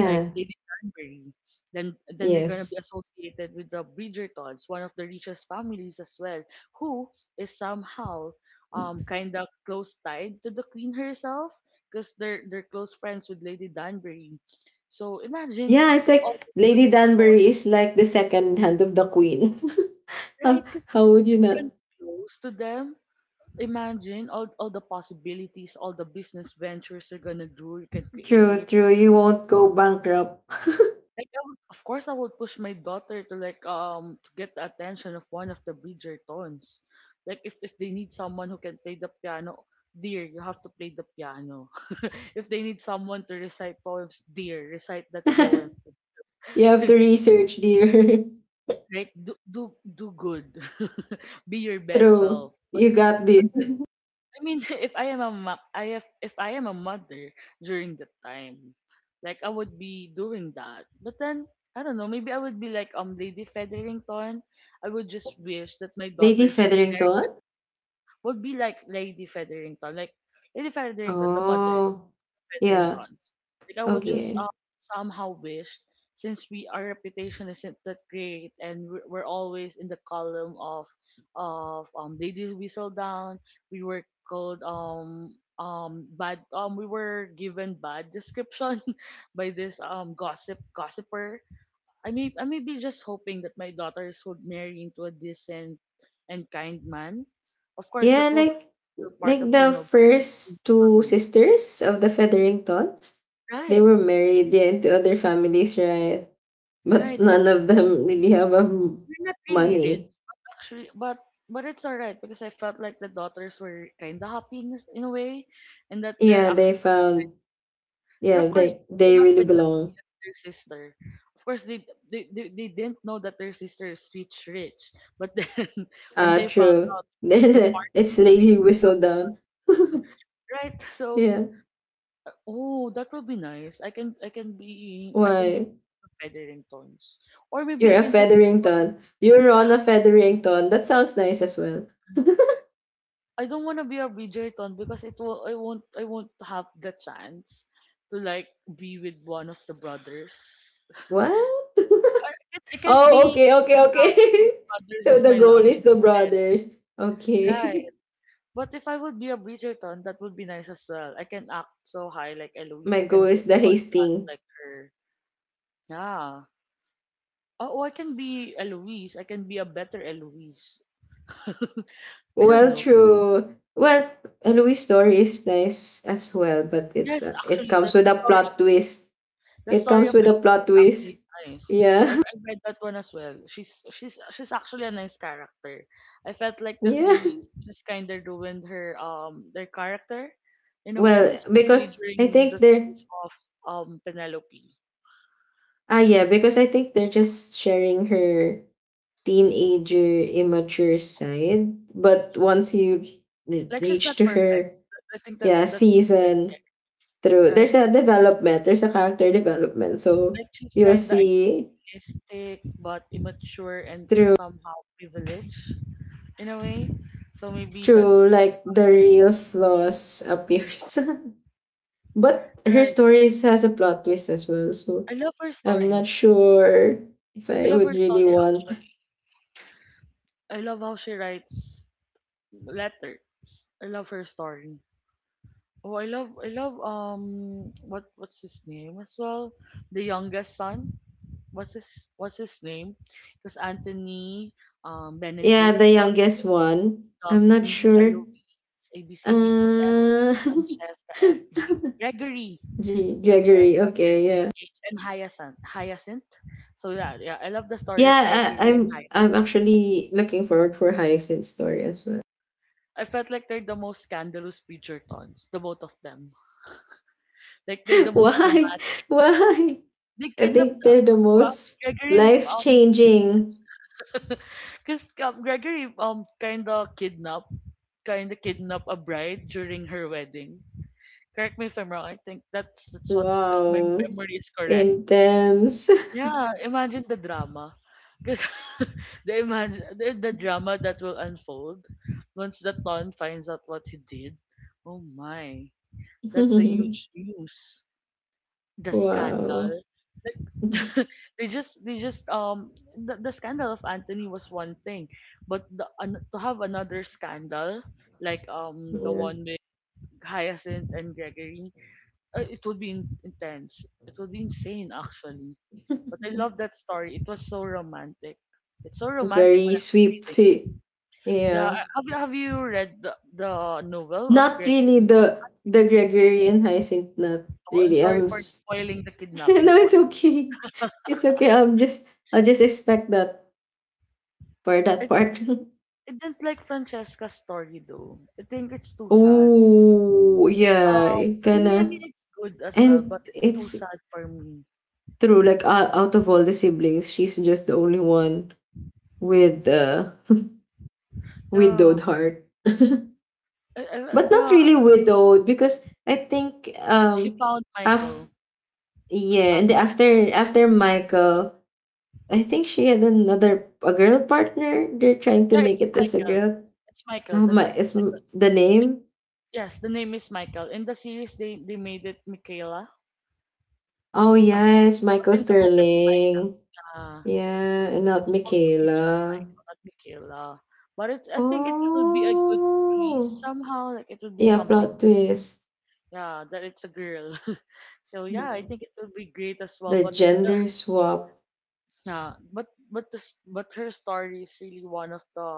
[SPEAKER 1] like Lady Danbury. Then then you're gonna be
[SPEAKER 2] Yes.
[SPEAKER 1] associated with the Bridgertons, one of the richest families as well, who is somehow kind of close tied to the queen herself, because they're close friends with Lady Danbury. So imagine
[SPEAKER 2] Yeah. It's
[SPEAKER 1] like all
[SPEAKER 2] like
[SPEAKER 1] those good
[SPEAKER 2] Lady
[SPEAKER 1] resources,
[SPEAKER 2] Danbury is like the second hand of the queen. how,
[SPEAKER 1] right? Because
[SPEAKER 2] how would you
[SPEAKER 1] if you
[SPEAKER 2] not?
[SPEAKER 1] can be close to them, imagine all the possibilities, all the business ventures you're gonna do, you can
[SPEAKER 2] True.
[SPEAKER 1] create.
[SPEAKER 2] True. You won't go bankrupt.
[SPEAKER 1] Like I would, of course, I would push my daughter to like to get the attention of one of the Bridgertons. Like if they need someone who can play the piano, dear, you have to play the piano. If they need someone to recite poems, dear, recite that poem.
[SPEAKER 2] You have to research, dear.
[SPEAKER 1] Right? Do do do good. Be your best
[SPEAKER 2] True.
[SPEAKER 1] self. But
[SPEAKER 2] You got this.
[SPEAKER 1] I mean, if I am a ma- I have if I am a mother during that time, like I would be doing that. But then I don't know. Maybe I would be like Lady Featherington. I would just wish that my
[SPEAKER 2] Lady
[SPEAKER 1] daughters
[SPEAKER 2] Featherington?
[SPEAKER 1] would be like Lady Featherington, the mother
[SPEAKER 2] Oh.
[SPEAKER 1] feathering
[SPEAKER 2] Yeah.
[SPEAKER 1] tons. Like I would just
[SPEAKER 2] Okay.
[SPEAKER 1] somehow wish, since we our reputation isn't that great, and we're always in the column of ladies whistle down. We were given bad description by this gossiper. I may be just hoping that my daughters would marry into a decent and kind man. Of course,
[SPEAKER 2] Yeah,
[SPEAKER 1] that will
[SPEAKER 2] like
[SPEAKER 1] be part of
[SPEAKER 2] like
[SPEAKER 1] the
[SPEAKER 2] the
[SPEAKER 1] noble mm,
[SPEAKER 2] first two
[SPEAKER 1] families.
[SPEAKER 2] sisters of the Featheringtons, they
[SPEAKER 1] Right,
[SPEAKER 2] were married, yeah, into other families, right? But
[SPEAKER 1] right. But
[SPEAKER 2] none of them really have
[SPEAKER 1] we're not really rich,
[SPEAKER 2] money.
[SPEAKER 1] actually, but it's alright because I felt like the daughters were kind of happy in a way, and that they're
[SPEAKER 2] Yeah, they
[SPEAKER 1] actually,
[SPEAKER 2] found,
[SPEAKER 1] and
[SPEAKER 2] yeah,
[SPEAKER 1] of course
[SPEAKER 2] they
[SPEAKER 1] they
[SPEAKER 2] they
[SPEAKER 1] have
[SPEAKER 2] really
[SPEAKER 1] been
[SPEAKER 2] belong.
[SPEAKER 1] with their sister. Of course they didn't know that their sister is rich rich, but then when
[SPEAKER 2] Ah,
[SPEAKER 1] they found
[SPEAKER 2] true.
[SPEAKER 1] out the
[SPEAKER 2] Then
[SPEAKER 1] party
[SPEAKER 2] it's
[SPEAKER 1] was
[SPEAKER 2] Lady
[SPEAKER 1] really
[SPEAKER 2] Whistledown.
[SPEAKER 1] right, so
[SPEAKER 2] Yeah.
[SPEAKER 1] oh that would be nice. I can be one
[SPEAKER 2] Why?
[SPEAKER 1] of the Featheringtons, or maybe
[SPEAKER 2] You're
[SPEAKER 1] I
[SPEAKER 2] a
[SPEAKER 1] can just
[SPEAKER 2] Featherington. You're on a Featherington. That sounds nice as well.
[SPEAKER 1] I don't want to be a Bridgerton because it will I won't have the chance to like be with one of the brothers.
[SPEAKER 2] What?
[SPEAKER 1] I can't
[SPEAKER 2] Oh,
[SPEAKER 1] be
[SPEAKER 2] okay, okay,
[SPEAKER 1] without those
[SPEAKER 2] okay.
[SPEAKER 1] brothers
[SPEAKER 2] So
[SPEAKER 1] as
[SPEAKER 2] the
[SPEAKER 1] my
[SPEAKER 2] goal
[SPEAKER 1] love
[SPEAKER 2] is the
[SPEAKER 1] interest.
[SPEAKER 2] brothers.
[SPEAKER 1] Right.
[SPEAKER 2] Okay.
[SPEAKER 1] But if I would be a Bridgerton, that would be nice as well. I can act so high like Eloise.
[SPEAKER 2] My
[SPEAKER 1] I
[SPEAKER 2] goal
[SPEAKER 1] can be
[SPEAKER 2] is
[SPEAKER 1] a
[SPEAKER 2] the
[SPEAKER 1] spoiled brat
[SPEAKER 2] Hastings.
[SPEAKER 1] like her. Yeah. Oh, oh, I can be Eloise. I can be a better Eloise. I don't
[SPEAKER 2] Well,
[SPEAKER 1] know.
[SPEAKER 2] true. Well, Louis' story is nice as well, but it's
[SPEAKER 1] Yes,
[SPEAKER 2] it
[SPEAKER 1] actually,
[SPEAKER 2] comes
[SPEAKER 1] that
[SPEAKER 2] with
[SPEAKER 1] the
[SPEAKER 2] a
[SPEAKER 1] story.
[SPEAKER 2] plot twist.
[SPEAKER 1] The
[SPEAKER 2] It
[SPEAKER 1] story
[SPEAKER 2] comes
[SPEAKER 1] of
[SPEAKER 2] with a
[SPEAKER 1] Eloise
[SPEAKER 2] plot
[SPEAKER 1] is actually
[SPEAKER 2] twist.
[SPEAKER 1] nice. I
[SPEAKER 2] Yeah.
[SPEAKER 1] I read that one as well. She's actually a nice character. I felt like the
[SPEAKER 2] Yeah.
[SPEAKER 1] series just kind of ruined her their character in a way,
[SPEAKER 2] Well,
[SPEAKER 1] especially
[SPEAKER 2] because I
[SPEAKER 1] during the
[SPEAKER 2] think they're
[SPEAKER 1] series of Penelope.
[SPEAKER 2] ah yeah, because I think they're just sharing her teenager immature side. But once you
[SPEAKER 1] Like she's
[SPEAKER 2] reach
[SPEAKER 1] not
[SPEAKER 2] to
[SPEAKER 1] perfect.
[SPEAKER 2] her,
[SPEAKER 1] I think that
[SPEAKER 2] yeah,
[SPEAKER 1] that's the point
[SPEAKER 2] season
[SPEAKER 1] there,
[SPEAKER 2] through,
[SPEAKER 1] right?
[SPEAKER 2] there's a development, there's a character development, so
[SPEAKER 1] Like she's
[SPEAKER 2] you'll
[SPEAKER 1] kind of
[SPEAKER 2] see
[SPEAKER 1] idealistic but immature and
[SPEAKER 2] through
[SPEAKER 1] somehow privileged in a way. So maybe
[SPEAKER 2] through
[SPEAKER 1] that's
[SPEAKER 2] like the real flaws appears. But her
[SPEAKER 1] right.
[SPEAKER 2] stories has a plot twist as well, so
[SPEAKER 1] I love her
[SPEAKER 2] I'm not
[SPEAKER 1] story.
[SPEAKER 2] sure if
[SPEAKER 1] I
[SPEAKER 2] I
[SPEAKER 1] love
[SPEAKER 2] would
[SPEAKER 1] her
[SPEAKER 2] really
[SPEAKER 1] story
[SPEAKER 2] want,
[SPEAKER 1] actually. I love how she writes letters. I love her story. Oh, I love I love what what's his name as well? The youngest son. What's his name? Because Anthony,
[SPEAKER 2] yeah,
[SPEAKER 1] Benedict,
[SPEAKER 2] the youngest one. I'm not
[SPEAKER 1] Daphne,
[SPEAKER 2] sure,
[SPEAKER 1] Eloise, A B C D E F,
[SPEAKER 2] uh
[SPEAKER 1] Francesca, F G, Gregory,
[SPEAKER 2] G Gregory.
[SPEAKER 1] Francesca,
[SPEAKER 2] Okay,
[SPEAKER 1] Gregory,
[SPEAKER 2] yeah.
[SPEAKER 1] H, and Hyacinth. Hyacinth. So yeah, yeah, I love the story of
[SPEAKER 2] Yeah, I,
[SPEAKER 1] Gregory and
[SPEAKER 2] I'm I'm
[SPEAKER 1] Hyacinth.
[SPEAKER 2] actually looking forward for Hyacinth's story as well.
[SPEAKER 1] I felt like they're the most scandalous Bridgertons, the both of them. Like they're the most
[SPEAKER 2] Why?
[SPEAKER 1] dramatic.
[SPEAKER 2] Why?
[SPEAKER 1] They
[SPEAKER 2] I
[SPEAKER 1] kidnapped
[SPEAKER 2] think they're the
[SPEAKER 1] well,
[SPEAKER 2] most
[SPEAKER 1] Gregory,
[SPEAKER 2] life changing.
[SPEAKER 1] because Gregory kinda kidnapped a bride during her wedding. Correct me if I'm wrong. I think that's what if my
[SPEAKER 2] Wow.
[SPEAKER 1] memory is correct.
[SPEAKER 2] Intense.
[SPEAKER 1] Yeah, imagine the drama. Because the imagine the drama that will unfold once the Ton finds out what he did. Oh my. That's a huge news. The
[SPEAKER 2] Wow.
[SPEAKER 1] scandal. Like the scandal of Anthony was one thing, but to have another scandal like the
[SPEAKER 2] Yeah.
[SPEAKER 1] one with Hyacinth and Gregory, it would be intense. It would be insane actually. But I love that story. It was so romantic. It's so romantic
[SPEAKER 2] Very
[SPEAKER 1] when I was
[SPEAKER 2] sweet
[SPEAKER 1] reading.
[SPEAKER 2] tea.
[SPEAKER 1] Yeah,
[SPEAKER 2] Yeah.
[SPEAKER 1] have you read the novel of
[SPEAKER 2] Not really
[SPEAKER 1] Gregory?
[SPEAKER 2] the Gregorian hyacinth nut.
[SPEAKER 1] Oh, I'm
[SPEAKER 2] Really.
[SPEAKER 1] sorry for spoiling the
[SPEAKER 2] No,
[SPEAKER 1] kidnapping
[SPEAKER 2] it's
[SPEAKER 1] part.
[SPEAKER 2] okay. It's okay. I'll just expect that for that
[SPEAKER 1] I
[SPEAKER 2] part.
[SPEAKER 1] I didn't like Francesca's story though. I think it's too sad.
[SPEAKER 2] Oh yeah.
[SPEAKER 1] Um,
[SPEAKER 2] It
[SPEAKER 1] I mean
[SPEAKER 2] kinda
[SPEAKER 1] it's good as well,
[SPEAKER 2] And
[SPEAKER 1] but it's too
[SPEAKER 2] it's
[SPEAKER 1] sad for me.
[SPEAKER 2] true, like, out of all the siblings, she's just the only one with,
[SPEAKER 1] Yeah,
[SPEAKER 2] widowed heart. But not
[SPEAKER 1] yeah.
[SPEAKER 2] really widowed because I think
[SPEAKER 1] He found
[SPEAKER 2] af
[SPEAKER 1] Michael
[SPEAKER 2] yeah, and
[SPEAKER 1] after.
[SPEAKER 2] after Michael, I think she had another a girl partner. They're trying to
[SPEAKER 1] Yeah,
[SPEAKER 2] make
[SPEAKER 1] it's
[SPEAKER 2] it as a
[SPEAKER 1] Michael.
[SPEAKER 2] girl.
[SPEAKER 1] It's Michael.
[SPEAKER 2] Oh
[SPEAKER 1] The s-
[SPEAKER 2] my,
[SPEAKER 1] the
[SPEAKER 2] is
[SPEAKER 1] second.
[SPEAKER 2] the
[SPEAKER 1] It,
[SPEAKER 2] name?
[SPEAKER 1] yes, the name is Michael. In the series, they made it Michaela.
[SPEAKER 2] Oh
[SPEAKER 1] Um,
[SPEAKER 2] yes,
[SPEAKER 1] but
[SPEAKER 2] Michael
[SPEAKER 1] in the book, it's
[SPEAKER 2] Sterling.
[SPEAKER 1] Michael.
[SPEAKER 2] Yeah, and
[SPEAKER 1] It's,
[SPEAKER 2] not
[SPEAKER 1] it's supposed to be just
[SPEAKER 2] Michaela.
[SPEAKER 1] Michael, not Michaela. But it's I think it would be a good twist
[SPEAKER 2] Oh,
[SPEAKER 1] somehow. Like it would be
[SPEAKER 2] yeah,
[SPEAKER 1] something.
[SPEAKER 2] plot twist.
[SPEAKER 1] Yeah, that it's a girl. So yeah, I
[SPEAKER 2] Mhm.
[SPEAKER 1] think it will be great as well.
[SPEAKER 2] The
[SPEAKER 1] But there,
[SPEAKER 2] gender swap.
[SPEAKER 1] yeah, but this but her story is really one of the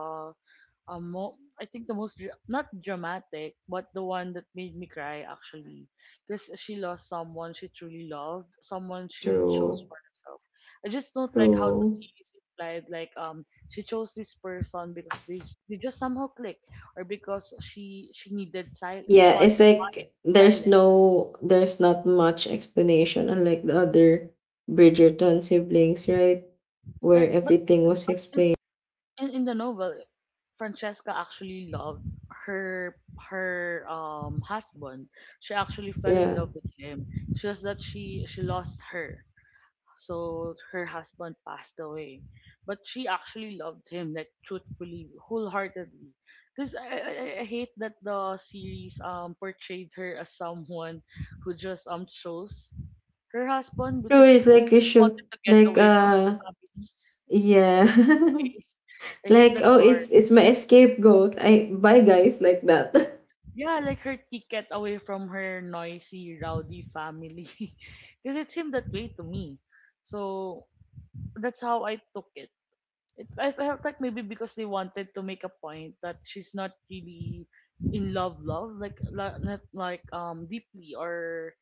[SPEAKER 1] I think the most not dramatic, but the one that made me cry actually, because she lost someone she truly loved, someone she chose
[SPEAKER 2] True.
[SPEAKER 1] for herself. I just don't like how the
[SPEAKER 2] True.
[SPEAKER 1] series implied like she chose this person because this they just somehow click, or because she needed
[SPEAKER 2] Yeah,
[SPEAKER 1] quiet,
[SPEAKER 2] it's
[SPEAKER 1] quiet
[SPEAKER 2] like
[SPEAKER 1] silence.
[SPEAKER 2] there's not much explanation unlike the other Bridgerton siblings, right? Where
[SPEAKER 1] Right, but
[SPEAKER 2] everything was
[SPEAKER 1] in,
[SPEAKER 2] explained.
[SPEAKER 1] in the novel, Francesca actually loved her her husband. She actually fell in
[SPEAKER 2] Yeah.
[SPEAKER 1] love with him. It's just that she lost her. So her husband passed away. But she actually loved him, like truthfully, wholeheartedly. Because I hate that the series portrayed her as someone who just chose her husband
[SPEAKER 2] True,
[SPEAKER 1] because
[SPEAKER 2] it's like a
[SPEAKER 1] she
[SPEAKER 2] show,
[SPEAKER 1] wanted to get
[SPEAKER 2] like,
[SPEAKER 1] away from her family.
[SPEAKER 2] yeah.
[SPEAKER 1] Like way. I hate
[SPEAKER 2] Like,
[SPEAKER 1] that
[SPEAKER 2] oh,
[SPEAKER 1] part.
[SPEAKER 2] it's my scapegoat. I bye guys like that.
[SPEAKER 1] Yeah, like her ticket away from her noisy, rowdy family. Because it seemed that way to me. So that's how I took it. I felt like maybe because they wanted to make a point that she's not really in love, love, like, not like, deeply, or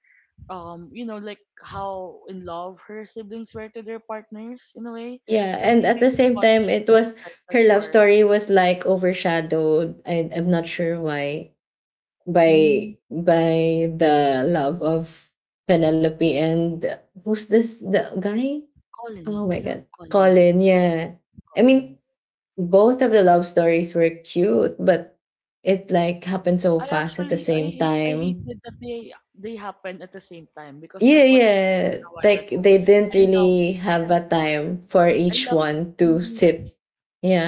[SPEAKER 1] you know, like how in love her siblings were to their partners in a way.
[SPEAKER 2] Yeah,
[SPEAKER 1] So I
[SPEAKER 2] and
[SPEAKER 1] think
[SPEAKER 2] at
[SPEAKER 1] they
[SPEAKER 2] the
[SPEAKER 1] just
[SPEAKER 2] same
[SPEAKER 1] wanted
[SPEAKER 2] time,
[SPEAKER 1] to
[SPEAKER 2] it was
[SPEAKER 1] emphasize that
[SPEAKER 2] her love
[SPEAKER 1] part.
[SPEAKER 2] story was like overshadowed. I'm not sure why,
[SPEAKER 1] Mm.
[SPEAKER 2] by the love of Penelope and who's this, the guy?
[SPEAKER 1] Colin.
[SPEAKER 2] Oh
[SPEAKER 1] I
[SPEAKER 2] my
[SPEAKER 1] love
[SPEAKER 2] god,
[SPEAKER 1] Colin.
[SPEAKER 2] Colin. Yeah, I mean
[SPEAKER 1] Colin.
[SPEAKER 2] both of the love stories were cute, but it like happened so
[SPEAKER 1] I
[SPEAKER 2] fast at the
[SPEAKER 1] actually I
[SPEAKER 2] same
[SPEAKER 1] hate I
[SPEAKER 2] time.
[SPEAKER 1] hated that they happened at the same time, because
[SPEAKER 2] Yeah,
[SPEAKER 1] like what I
[SPEAKER 2] yeah.
[SPEAKER 1] mentioned a while
[SPEAKER 2] Like
[SPEAKER 1] ago,
[SPEAKER 2] they didn't
[SPEAKER 1] I love,
[SPEAKER 2] really have a
[SPEAKER 1] yes,
[SPEAKER 2] time for
[SPEAKER 1] I
[SPEAKER 2] each
[SPEAKER 1] love,
[SPEAKER 2] one to
[SPEAKER 1] mhm.
[SPEAKER 2] sit.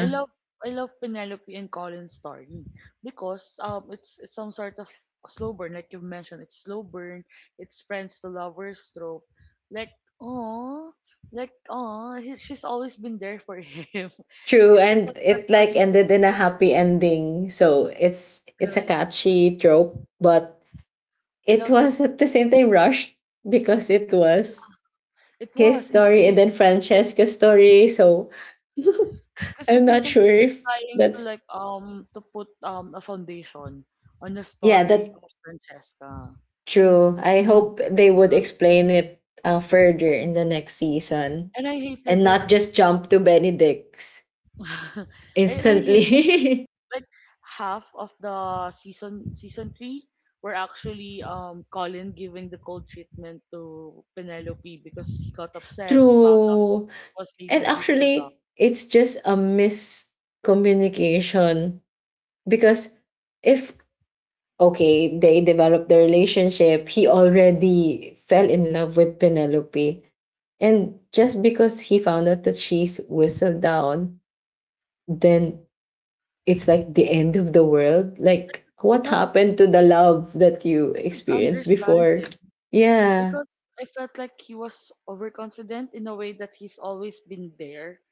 [SPEAKER 1] I love I love Penelope and Colin's story because it's some sort of slow burn, like you've mentioned, it's slow burn, it's friends to lovers trope, like oh, like oh, she's always been there for him.
[SPEAKER 2] True,
[SPEAKER 1] It
[SPEAKER 2] and
[SPEAKER 1] was hard
[SPEAKER 2] it
[SPEAKER 1] for
[SPEAKER 2] like
[SPEAKER 1] him to
[SPEAKER 2] ended
[SPEAKER 1] see
[SPEAKER 2] in a
[SPEAKER 1] it,
[SPEAKER 2] happy ending. So it's a
[SPEAKER 1] right.
[SPEAKER 2] catchy trope, but
[SPEAKER 1] I
[SPEAKER 2] it
[SPEAKER 1] love that
[SPEAKER 2] was at the same time rushed because it was
[SPEAKER 1] it
[SPEAKER 2] his
[SPEAKER 1] was in the
[SPEAKER 2] story and then
[SPEAKER 1] series. It is.
[SPEAKER 2] Francesca's story. So
[SPEAKER 1] Because I
[SPEAKER 2] I'm
[SPEAKER 1] think
[SPEAKER 2] not
[SPEAKER 1] they're,
[SPEAKER 2] sure
[SPEAKER 1] they're
[SPEAKER 2] if
[SPEAKER 1] trying to
[SPEAKER 2] that's,
[SPEAKER 1] like to put a foundation on the
[SPEAKER 2] yeah,
[SPEAKER 1] story
[SPEAKER 2] that
[SPEAKER 1] of Francesca.
[SPEAKER 2] true. I
[SPEAKER 1] 'Cause
[SPEAKER 2] hope
[SPEAKER 1] it's,
[SPEAKER 2] they
[SPEAKER 1] you
[SPEAKER 2] would
[SPEAKER 1] know,
[SPEAKER 2] explain it, further in the next season
[SPEAKER 1] and I
[SPEAKER 2] and
[SPEAKER 1] hated like,
[SPEAKER 2] not just jump to Benedict's
[SPEAKER 1] I hated
[SPEAKER 2] instantly.
[SPEAKER 1] like half of the season three were actually Colin giving the cold treatment to Penelope because he got upset. He found out
[SPEAKER 2] True.
[SPEAKER 1] she was
[SPEAKER 2] And
[SPEAKER 1] Lady Griselda.
[SPEAKER 2] actually, it's just a miscommunication because, if okay, they developed the relationship, he already fell in love with Penelope. And just because he found out that she's whistled down, then it's like the end of the world.
[SPEAKER 1] But I
[SPEAKER 2] Like,
[SPEAKER 1] could
[SPEAKER 2] what
[SPEAKER 1] not
[SPEAKER 2] happened to the love that you
[SPEAKER 1] I could
[SPEAKER 2] experienced
[SPEAKER 1] understand
[SPEAKER 2] before?
[SPEAKER 1] him,
[SPEAKER 2] Yeah,
[SPEAKER 1] because I felt like he was overconfident in a way that he's always been there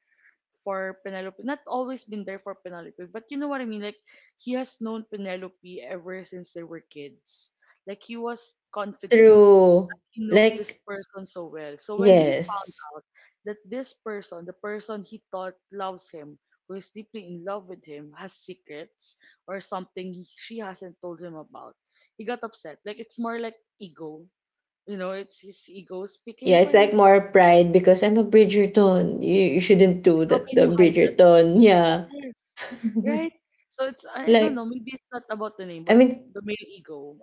[SPEAKER 1] for Penelope. Not always been there for Penelope, but you know what I mean? Like, he has known Penelope ever since they were kids. Like, he was confident.
[SPEAKER 2] true.
[SPEAKER 1] He knows this
[SPEAKER 2] Like,
[SPEAKER 1] person so well. So when he found
[SPEAKER 2] yes.
[SPEAKER 1] out that this person, the person he thought loves him, who is deeply in love with him, has secrets or something she hasn't told him about, he got upset. Like, it's more like ego, you know, it's his ego speaking
[SPEAKER 2] Yeah,
[SPEAKER 1] for
[SPEAKER 2] it's like
[SPEAKER 1] him.
[SPEAKER 2] more pride because I'm a Bridgerton. You shouldn't do
[SPEAKER 1] How
[SPEAKER 2] that,
[SPEAKER 1] can
[SPEAKER 2] the
[SPEAKER 1] you hide that to
[SPEAKER 2] Bridgerton.
[SPEAKER 1] me?
[SPEAKER 2] Yeah.
[SPEAKER 1] Yes, right. So it's I don't know.
[SPEAKER 2] Like,
[SPEAKER 1] Maybe it's not about the name,
[SPEAKER 2] I
[SPEAKER 1] but
[SPEAKER 2] mean,
[SPEAKER 1] the male ego,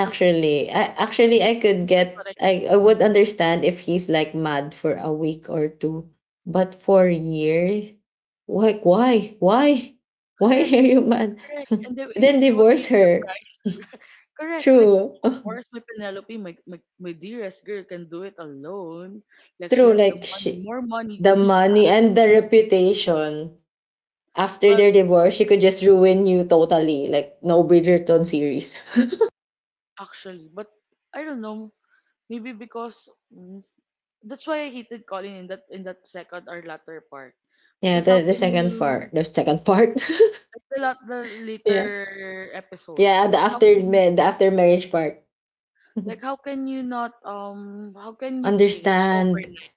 [SPEAKER 1] because
[SPEAKER 2] I
[SPEAKER 1] I,
[SPEAKER 2] actually
[SPEAKER 1] I
[SPEAKER 2] I could
[SPEAKER 1] think that's what
[SPEAKER 2] get
[SPEAKER 1] I.
[SPEAKER 2] I would
[SPEAKER 1] Mhm.
[SPEAKER 2] understand if he's like mad for a week or two, but for a year, like, why? Why? Why
[SPEAKER 1] Correct,
[SPEAKER 2] are you mad?
[SPEAKER 1] correct. And then eh,
[SPEAKER 2] Then
[SPEAKER 1] he would
[SPEAKER 2] divorce
[SPEAKER 1] be
[SPEAKER 2] her.
[SPEAKER 1] surprised. Correct. Like
[SPEAKER 2] True.
[SPEAKER 1] of course, my Penelope, my dearest girl, can do it alone. Like she
[SPEAKER 2] True,
[SPEAKER 1] has the
[SPEAKER 2] like
[SPEAKER 1] money,
[SPEAKER 2] she,
[SPEAKER 1] more money
[SPEAKER 2] the
[SPEAKER 1] than he
[SPEAKER 2] money
[SPEAKER 1] has.
[SPEAKER 2] and the reputation. After
[SPEAKER 1] Well,
[SPEAKER 2] their divorce, she could just ruin you totally, like no Bridgerton series.
[SPEAKER 1] actually, but I don't know. Maybe because mm, that's why I hated Colin in that second or latter part.
[SPEAKER 2] Yeah,
[SPEAKER 1] Because how
[SPEAKER 2] the
[SPEAKER 1] can
[SPEAKER 2] second
[SPEAKER 1] you
[SPEAKER 2] part, the second part.
[SPEAKER 1] like the lot the
[SPEAKER 2] Yeah.
[SPEAKER 1] later episodes?
[SPEAKER 2] Yeah, the
[SPEAKER 1] Because how
[SPEAKER 2] after
[SPEAKER 1] can
[SPEAKER 2] ma- the after marriage part.
[SPEAKER 1] like how can you not how can you change
[SPEAKER 2] Understand.
[SPEAKER 1] overnight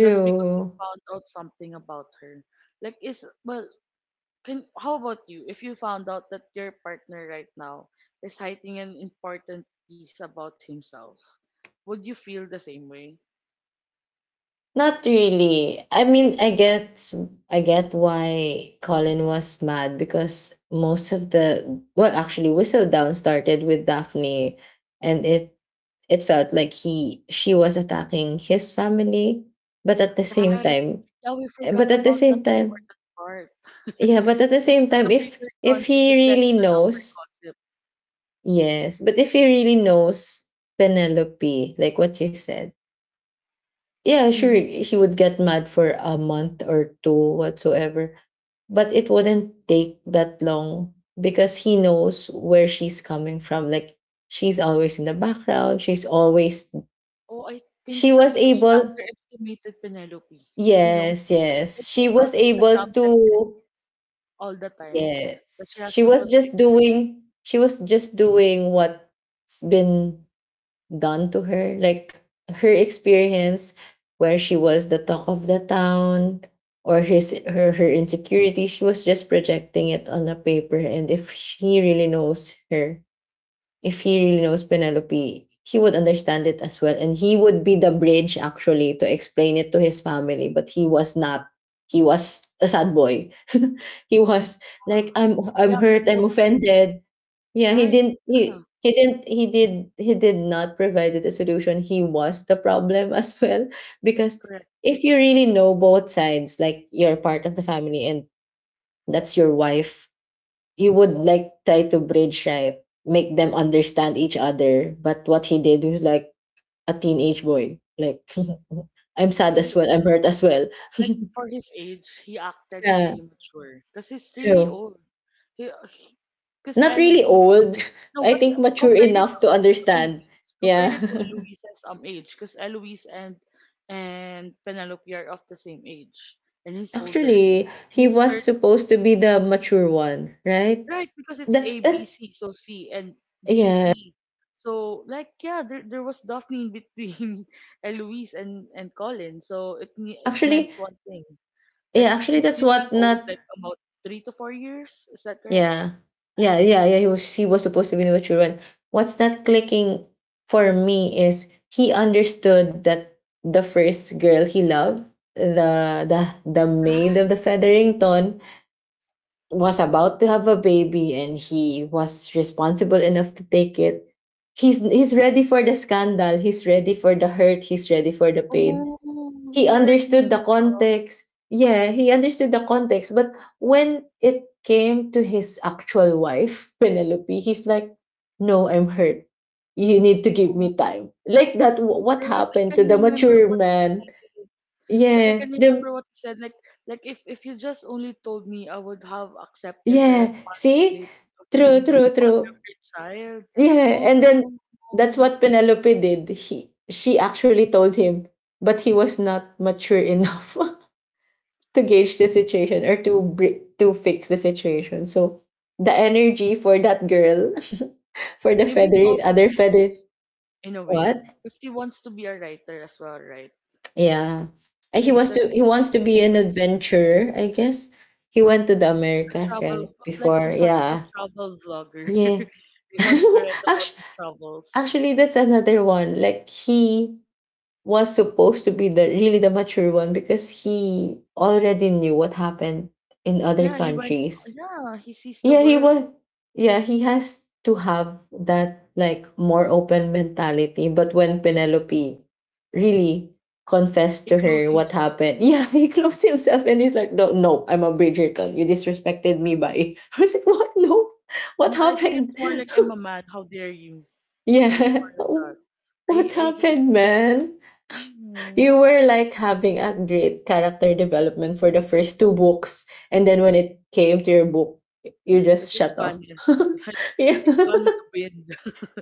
[SPEAKER 1] just because you found out something about her? Like is well can how about you, if you found out that your partner right now is hiding an important piece about himself? Would you feel the same way?
[SPEAKER 2] Not really. I mean, I get why Colin was mad because most of the well, actually, Whistle Down started with Daphne, and it felt like he she was attacking his family, but at the same
[SPEAKER 1] Right.
[SPEAKER 2] time,
[SPEAKER 1] Yeah, we forgot
[SPEAKER 2] But at the
[SPEAKER 1] about that
[SPEAKER 2] same time,
[SPEAKER 1] important part.
[SPEAKER 2] yeah, but at the
[SPEAKER 1] Like
[SPEAKER 2] same
[SPEAKER 1] that the
[SPEAKER 2] time, if
[SPEAKER 1] temperature
[SPEAKER 2] if
[SPEAKER 1] tons is the
[SPEAKER 2] he
[SPEAKER 1] center
[SPEAKER 2] really
[SPEAKER 1] of her
[SPEAKER 2] knows,
[SPEAKER 1] gossip.
[SPEAKER 2] yes, but if he really knows Penelope, like what you said, yeah, sure
[SPEAKER 1] Hmm.
[SPEAKER 2] he would get mad for a month or two whatsoever, but it wouldn't take that long because he knows where she's coming from. Like, she's always in the background,
[SPEAKER 1] Oh, I think
[SPEAKER 2] she
[SPEAKER 1] it's
[SPEAKER 2] was
[SPEAKER 1] because she
[SPEAKER 2] able
[SPEAKER 1] underestimated Penelope. You know,
[SPEAKER 2] yes,
[SPEAKER 1] like
[SPEAKER 2] yes,
[SPEAKER 1] she
[SPEAKER 2] she
[SPEAKER 1] thought
[SPEAKER 2] was
[SPEAKER 1] she's a
[SPEAKER 2] able
[SPEAKER 1] damsel in
[SPEAKER 2] to.
[SPEAKER 1] distress all the time, but she
[SPEAKER 2] Yes.
[SPEAKER 1] has
[SPEAKER 2] She
[SPEAKER 1] to
[SPEAKER 2] was
[SPEAKER 1] protect
[SPEAKER 2] just
[SPEAKER 1] her.
[SPEAKER 2] doing she was just doing what's been done to her. Like her experience where she was the talk of the town, or his her her insecurity, she was just projecting it on a paper. And if he really knows her, if he really knows Penelope, he would understand it as well. And he would be the bridge actually to explain it to his family. But he was not. He was a sad boy. He was
[SPEAKER 1] Ah,
[SPEAKER 2] like, I'm
[SPEAKER 1] yeah,
[SPEAKER 2] hurt,
[SPEAKER 1] Penny
[SPEAKER 2] I'm
[SPEAKER 1] was a victim.
[SPEAKER 2] offended. Yeah,
[SPEAKER 1] Right. Yeah,
[SPEAKER 2] he did not provide the solution. He was the problem as well. Because
[SPEAKER 1] correct.
[SPEAKER 2] if you really know both sides, like, you're part of the family and that's your wife, you would like try to bridge, right, make them understand each other. But what he did was like a teenage boy. Like, I'm sad
[SPEAKER 1] Like,
[SPEAKER 2] as well,
[SPEAKER 1] he,
[SPEAKER 2] I'm hurt as well.
[SPEAKER 1] like for his age, he acted
[SPEAKER 2] Yeah,
[SPEAKER 1] really immature because he's really
[SPEAKER 2] true.
[SPEAKER 1] old. He, because
[SPEAKER 2] Not really
[SPEAKER 1] Eloise.
[SPEAKER 2] old.
[SPEAKER 1] No,
[SPEAKER 2] I
[SPEAKER 1] but
[SPEAKER 2] think mature
[SPEAKER 1] compare it
[SPEAKER 2] enough to understand,
[SPEAKER 1] Eloise. Compared
[SPEAKER 2] yeah.
[SPEAKER 1] it to Eloise's age, because Eloise and Penelope are of the same age, and he's older,
[SPEAKER 2] Actually,
[SPEAKER 1] and
[SPEAKER 2] he
[SPEAKER 1] he's
[SPEAKER 2] was
[SPEAKER 1] third,
[SPEAKER 2] supposed to be the mature one, right?
[SPEAKER 1] right? Because it's A,
[SPEAKER 2] that,
[SPEAKER 1] B,
[SPEAKER 2] that's
[SPEAKER 1] C, so C and D,
[SPEAKER 2] yeah
[SPEAKER 1] E. So like yeah, there was Daphne in between Eloise and Colin, so it it
[SPEAKER 2] actually
[SPEAKER 1] meant one thing,
[SPEAKER 2] yeah
[SPEAKER 1] like
[SPEAKER 2] actually
[SPEAKER 1] he's
[SPEAKER 2] that's
[SPEAKER 1] really
[SPEAKER 2] what
[SPEAKER 1] old,
[SPEAKER 2] not.
[SPEAKER 1] like about 3 to 4 years. Is that correct?
[SPEAKER 2] Yeah. Yeah, yeah, yeah. He was supposed to be with children. What's not clicking for me is he understood that the first girl he loved, the maid of
[SPEAKER 1] Right.
[SPEAKER 2] the Featherington, was about to have a baby and he was responsible enough to take it. He's ready for the scandal, he's ready for the hurt, he's ready for the pain.
[SPEAKER 1] Oh, you
[SPEAKER 2] He
[SPEAKER 1] hurt me,
[SPEAKER 2] understood the
[SPEAKER 1] Nico.
[SPEAKER 2] context. Yeah, he understood the context, but when it came to his actual wife, Penelope, he's like, "No, I'm hurt. "You need to give me
[SPEAKER 1] Oh,
[SPEAKER 2] time." Like what
[SPEAKER 1] right. I
[SPEAKER 2] happened to
[SPEAKER 1] can
[SPEAKER 2] the
[SPEAKER 1] remember
[SPEAKER 2] mature
[SPEAKER 1] what he
[SPEAKER 2] man?
[SPEAKER 1] said. Like I can
[SPEAKER 2] Yeah, the
[SPEAKER 1] remember what he said. Like if you just only told me, I would have accepted the
[SPEAKER 2] yeah, see?
[SPEAKER 1] responsibility of
[SPEAKER 2] True,
[SPEAKER 1] being the
[SPEAKER 2] true,
[SPEAKER 1] father
[SPEAKER 2] true.
[SPEAKER 1] of your child.
[SPEAKER 2] Yeah,
[SPEAKER 1] Oh
[SPEAKER 2] and
[SPEAKER 1] no,
[SPEAKER 2] then
[SPEAKER 1] no,
[SPEAKER 2] that's
[SPEAKER 1] no.
[SPEAKER 2] what Penelope did. He She actually told him, but he was not mature enough. to gauge the situation or to fix the situation. So the energy for that girl, for the
[SPEAKER 1] Maybe it's
[SPEAKER 2] feathery
[SPEAKER 1] also
[SPEAKER 2] other
[SPEAKER 1] Jen
[SPEAKER 2] feathered
[SPEAKER 1] in a way
[SPEAKER 2] what?
[SPEAKER 1] because he wants to be a writer as well, right?
[SPEAKER 2] Yeah, and
[SPEAKER 1] Maybe
[SPEAKER 2] he wants to be an
[SPEAKER 1] that's a
[SPEAKER 2] adventurer. I guess he went to the Americas
[SPEAKER 1] travel,
[SPEAKER 2] right
[SPEAKER 1] like some
[SPEAKER 2] before.
[SPEAKER 1] sort of a
[SPEAKER 2] Yeah,
[SPEAKER 1] travel vlogger.
[SPEAKER 2] yeah.
[SPEAKER 1] He wants to write about
[SPEAKER 2] actually,
[SPEAKER 1] his travels.
[SPEAKER 2] actually, that's another one. Like he was supposed to be the really the mature one because he already knew what happened in other
[SPEAKER 1] Yeah, he went.
[SPEAKER 2] countries.
[SPEAKER 1] Yeah, he sees the
[SPEAKER 2] Yeah, he
[SPEAKER 1] world.
[SPEAKER 2] was. Yeah, he has to have that like more open mentality. But when Penelope really confessed
[SPEAKER 1] He
[SPEAKER 2] to
[SPEAKER 1] closed
[SPEAKER 2] her what
[SPEAKER 1] himself.
[SPEAKER 2] happened, yeah, he closed himself and he's like, "No, no, I'm a Bridgerton. You disrespected me by." I was like, "What? No, what
[SPEAKER 1] And I think it's
[SPEAKER 2] happened?
[SPEAKER 1] more like I'm a man. How dare you? Well, it's more
[SPEAKER 2] yeah,
[SPEAKER 1] like that.
[SPEAKER 2] what
[SPEAKER 1] I hate
[SPEAKER 2] happened,
[SPEAKER 1] that car.
[SPEAKER 2] man?"
[SPEAKER 1] Hmm.
[SPEAKER 2] You were like having a great character development for the first two books, and then when it came to your book you
[SPEAKER 1] It
[SPEAKER 2] just
[SPEAKER 1] just
[SPEAKER 2] shut off.
[SPEAKER 1] vanished, like
[SPEAKER 2] yeah.
[SPEAKER 1] like gone with the wind.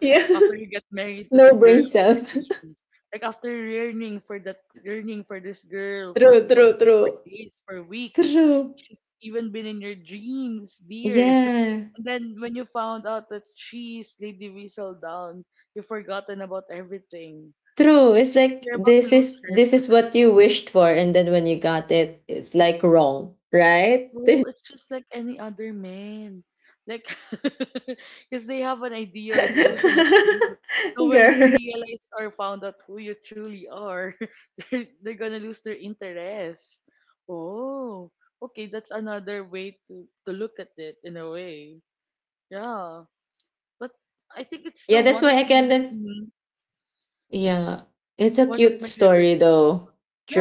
[SPEAKER 2] yeah,
[SPEAKER 1] After you get married to the
[SPEAKER 2] no
[SPEAKER 1] girl
[SPEAKER 2] brain
[SPEAKER 1] of your
[SPEAKER 2] cells.
[SPEAKER 1] dreams, like after yearning for that, yearning for this girl for
[SPEAKER 2] True,
[SPEAKER 1] for
[SPEAKER 2] true,
[SPEAKER 1] for
[SPEAKER 2] true,
[SPEAKER 1] days, for weeks,
[SPEAKER 2] true,
[SPEAKER 1] she's even been in your dreams, dear.
[SPEAKER 2] yeah,
[SPEAKER 1] And then when you found out that she's Lady Weasel down, you've forgotten about everything.
[SPEAKER 2] true.
[SPEAKER 1] You-
[SPEAKER 2] It's like
[SPEAKER 1] You're about to lose
[SPEAKER 2] this
[SPEAKER 1] her.
[SPEAKER 2] is what you wished for, and then when you got it it's like wrong, right?
[SPEAKER 1] Oh, it's just like any other man. Like, because they have an idea or delusion of you. So when they
[SPEAKER 2] Girl,
[SPEAKER 1] realize or found out who you truly are, they're gonna lose their interest. Oh, okay, that's another way to look at it in a way. Yeah. But I think it's
[SPEAKER 2] yeah,
[SPEAKER 1] still
[SPEAKER 2] that's
[SPEAKER 1] one
[SPEAKER 2] why
[SPEAKER 1] of
[SPEAKER 2] i
[SPEAKER 1] my.
[SPEAKER 2] can't
[SPEAKER 1] Mhm.
[SPEAKER 2] Yeah, it's a
[SPEAKER 1] One of my
[SPEAKER 2] cute
[SPEAKER 1] favorite
[SPEAKER 2] story
[SPEAKER 1] series as
[SPEAKER 2] though.
[SPEAKER 1] well.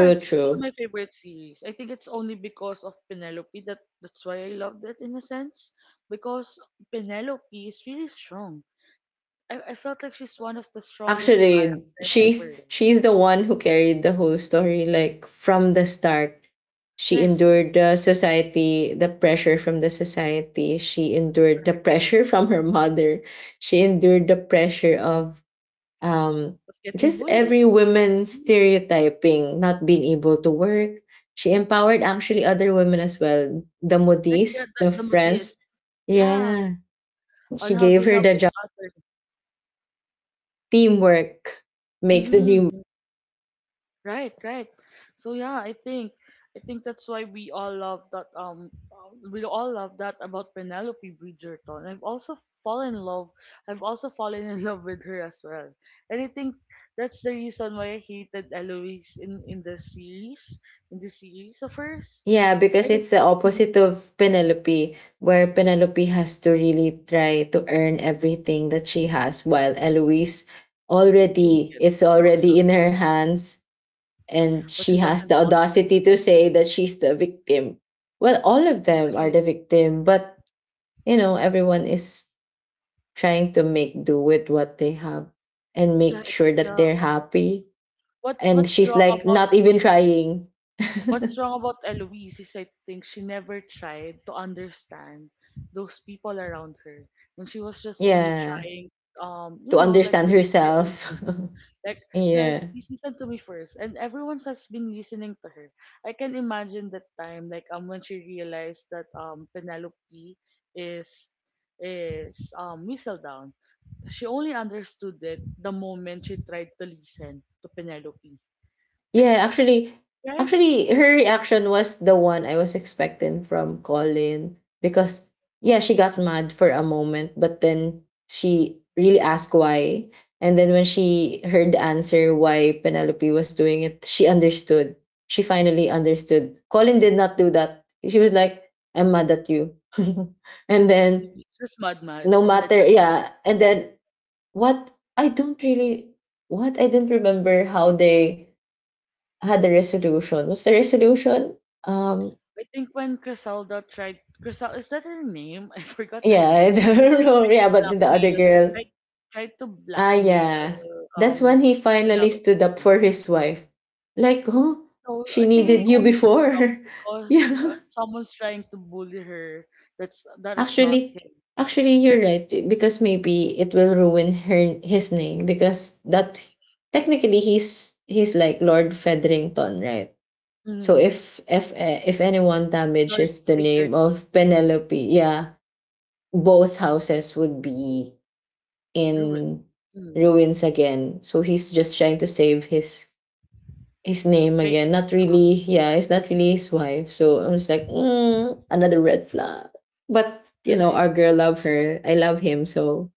[SPEAKER 1] Yeah, it's still
[SPEAKER 2] true.
[SPEAKER 1] my favorite series. I think it's only because of Penelope that that's why I loved it in a sense. Because Penelope is really strong. I felt like she's one of the strongest characters
[SPEAKER 2] Actually,
[SPEAKER 1] I've ever read.
[SPEAKER 2] she's the one who carried the whole story like from the start. She
[SPEAKER 1] Yes,
[SPEAKER 2] endured the society, the pressure from the society. She endured the
[SPEAKER 1] correct.
[SPEAKER 2] pressure from her mother. She endured the pressure of um
[SPEAKER 1] Was getting
[SPEAKER 2] just
[SPEAKER 1] bullied.
[SPEAKER 2] every woman
[SPEAKER 1] Mm.
[SPEAKER 2] stereotyping, not being able to work. She empowered actually other women as well. The
[SPEAKER 1] Like yeah,
[SPEAKER 2] modis, the
[SPEAKER 1] the Modist.
[SPEAKER 2] friends.
[SPEAKER 1] Yeah,
[SPEAKER 2] Yeah.
[SPEAKER 1] on
[SPEAKER 2] She
[SPEAKER 1] how
[SPEAKER 2] gave
[SPEAKER 1] they
[SPEAKER 2] her
[SPEAKER 1] help
[SPEAKER 2] the
[SPEAKER 1] each
[SPEAKER 2] job.
[SPEAKER 1] other.
[SPEAKER 2] Teamwork makes the dream.
[SPEAKER 1] Mhm. Right, right. So yeah, I think that's why we all love that we all love that about Penelope Bridgerton. I've also fallen in love I've also fallen in love with her as well. And I think that's the reason why I hated Eloise in the series of hers.
[SPEAKER 2] Yeah,
[SPEAKER 1] I
[SPEAKER 2] because
[SPEAKER 1] don't
[SPEAKER 2] it's the opposite
[SPEAKER 1] think
[SPEAKER 2] of Penelope, where Penelope has to really try to earn everything that she has, while Eloise
[SPEAKER 1] she can
[SPEAKER 2] already,
[SPEAKER 1] get
[SPEAKER 2] it's
[SPEAKER 1] them,
[SPEAKER 2] already in her hands, and
[SPEAKER 1] but she
[SPEAKER 2] she has
[SPEAKER 1] doesn't
[SPEAKER 2] the
[SPEAKER 1] want them.
[SPEAKER 2] audacity to say that she's the victim. Well, all of them are
[SPEAKER 1] Right.
[SPEAKER 2] the victim, but you know, everyone is trying to make do with what they have and make
[SPEAKER 1] Like
[SPEAKER 2] sure that
[SPEAKER 1] yeah.
[SPEAKER 2] they're happy.
[SPEAKER 1] What
[SPEAKER 2] And
[SPEAKER 1] what's
[SPEAKER 2] she's
[SPEAKER 1] wrong
[SPEAKER 2] like
[SPEAKER 1] about
[SPEAKER 2] not even trying.
[SPEAKER 1] what's wrong about Eloise is I think she never tried to understand those people around her. And she was just only
[SPEAKER 2] yeah.
[SPEAKER 1] trying you
[SPEAKER 2] To
[SPEAKER 1] know, like
[SPEAKER 2] understand
[SPEAKER 1] to live her own
[SPEAKER 2] herself.
[SPEAKER 1] dreams. Like guys,
[SPEAKER 2] yeah.
[SPEAKER 1] please listen to me first. And everyone has been listening to her. I can imagine that time, like when she realized that Penelope is is down. She only understood it the moment she tried to listen to Penelope. Like
[SPEAKER 2] Yeah,
[SPEAKER 1] the
[SPEAKER 2] actually,
[SPEAKER 1] try.
[SPEAKER 2] actually her reaction was the one I was expecting from Colin because yeah, she got mad for a moment, but then she really asked why. And then when she heard the answer why Penelope was doing it, she understood. She finally understood. Colin did not do that. She was like, "I'm mad at you." and then
[SPEAKER 1] It's just mad
[SPEAKER 2] no
[SPEAKER 1] mad, and then
[SPEAKER 2] matter,
[SPEAKER 1] that's it.
[SPEAKER 2] yeah, and then what, I don't really what I didn't remember how they had the resolution. What's the resolution? Um,
[SPEAKER 1] I think when Criselda tried, Crisel is that her name? I forgot her
[SPEAKER 2] yeah,
[SPEAKER 1] name.
[SPEAKER 2] I don't know.
[SPEAKER 1] Tried
[SPEAKER 2] Yeah,
[SPEAKER 1] to
[SPEAKER 2] but the other
[SPEAKER 1] blackmail,
[SPEAKER 2] girl.
[SPEAKER 1] tried tried to
[SPEAKER 2] Ah yeah.
[SPEAKER 1] blackmail
[SPEAKER 2] That's
[SPEAKER 1] um
[SPEAKER 2] when he finally
[SPEAKER 1] Penelope.
[SPEAKER 2] stood up for his wife. Like, oh,
[SPEAKER 1] So I
[SPEAKER 2] she
[SPEAKER 1] think he
[SPEAKER 2] needed you
[SPEAKER 1] only stood up
[SPEAKER 2] before.
[SPEAKER 1] because
[SPEAKER 2] Yeah.
[SPEAKER 1] someone's trying to bully her. That's that is not
[SPEAKER 2] Actually,
[SPEAKER 1] him.
[SPEAKER 2] actually you're right. Because maybe it will ruin her his name because that technically he's like Lord Featherington, right? So
[SPEAKER 1] Hmm.
[SPEAKER 2] if eh, if anyone
[SPEAKER 1] Lord
[SPEAKER 2] damages the name
[SPEAKER 1] Bridgerton,
[SPEAKER 2] of
[SPEAKER 1] mm-hmm.
[SPEAKER 2] Penelope, yeah, both houses would be
[SPEAKER 1] Ruined.
[SPEAKER 2] in
[SPEAKER 1] Mhm.
[SPEAKER 2] ruins again. So he's just trying to save his
[SPEAKER 1] His
[SPEAKER 2] name again.
[SPEAKER 1] face.
[SPEAKER 2] Not really, yeah, it's not really his wife. So I was like, mm, another red flag. But you know,
[SPEAKER 1] Right.
[SPEAKER 2] our girl love her. I love him, so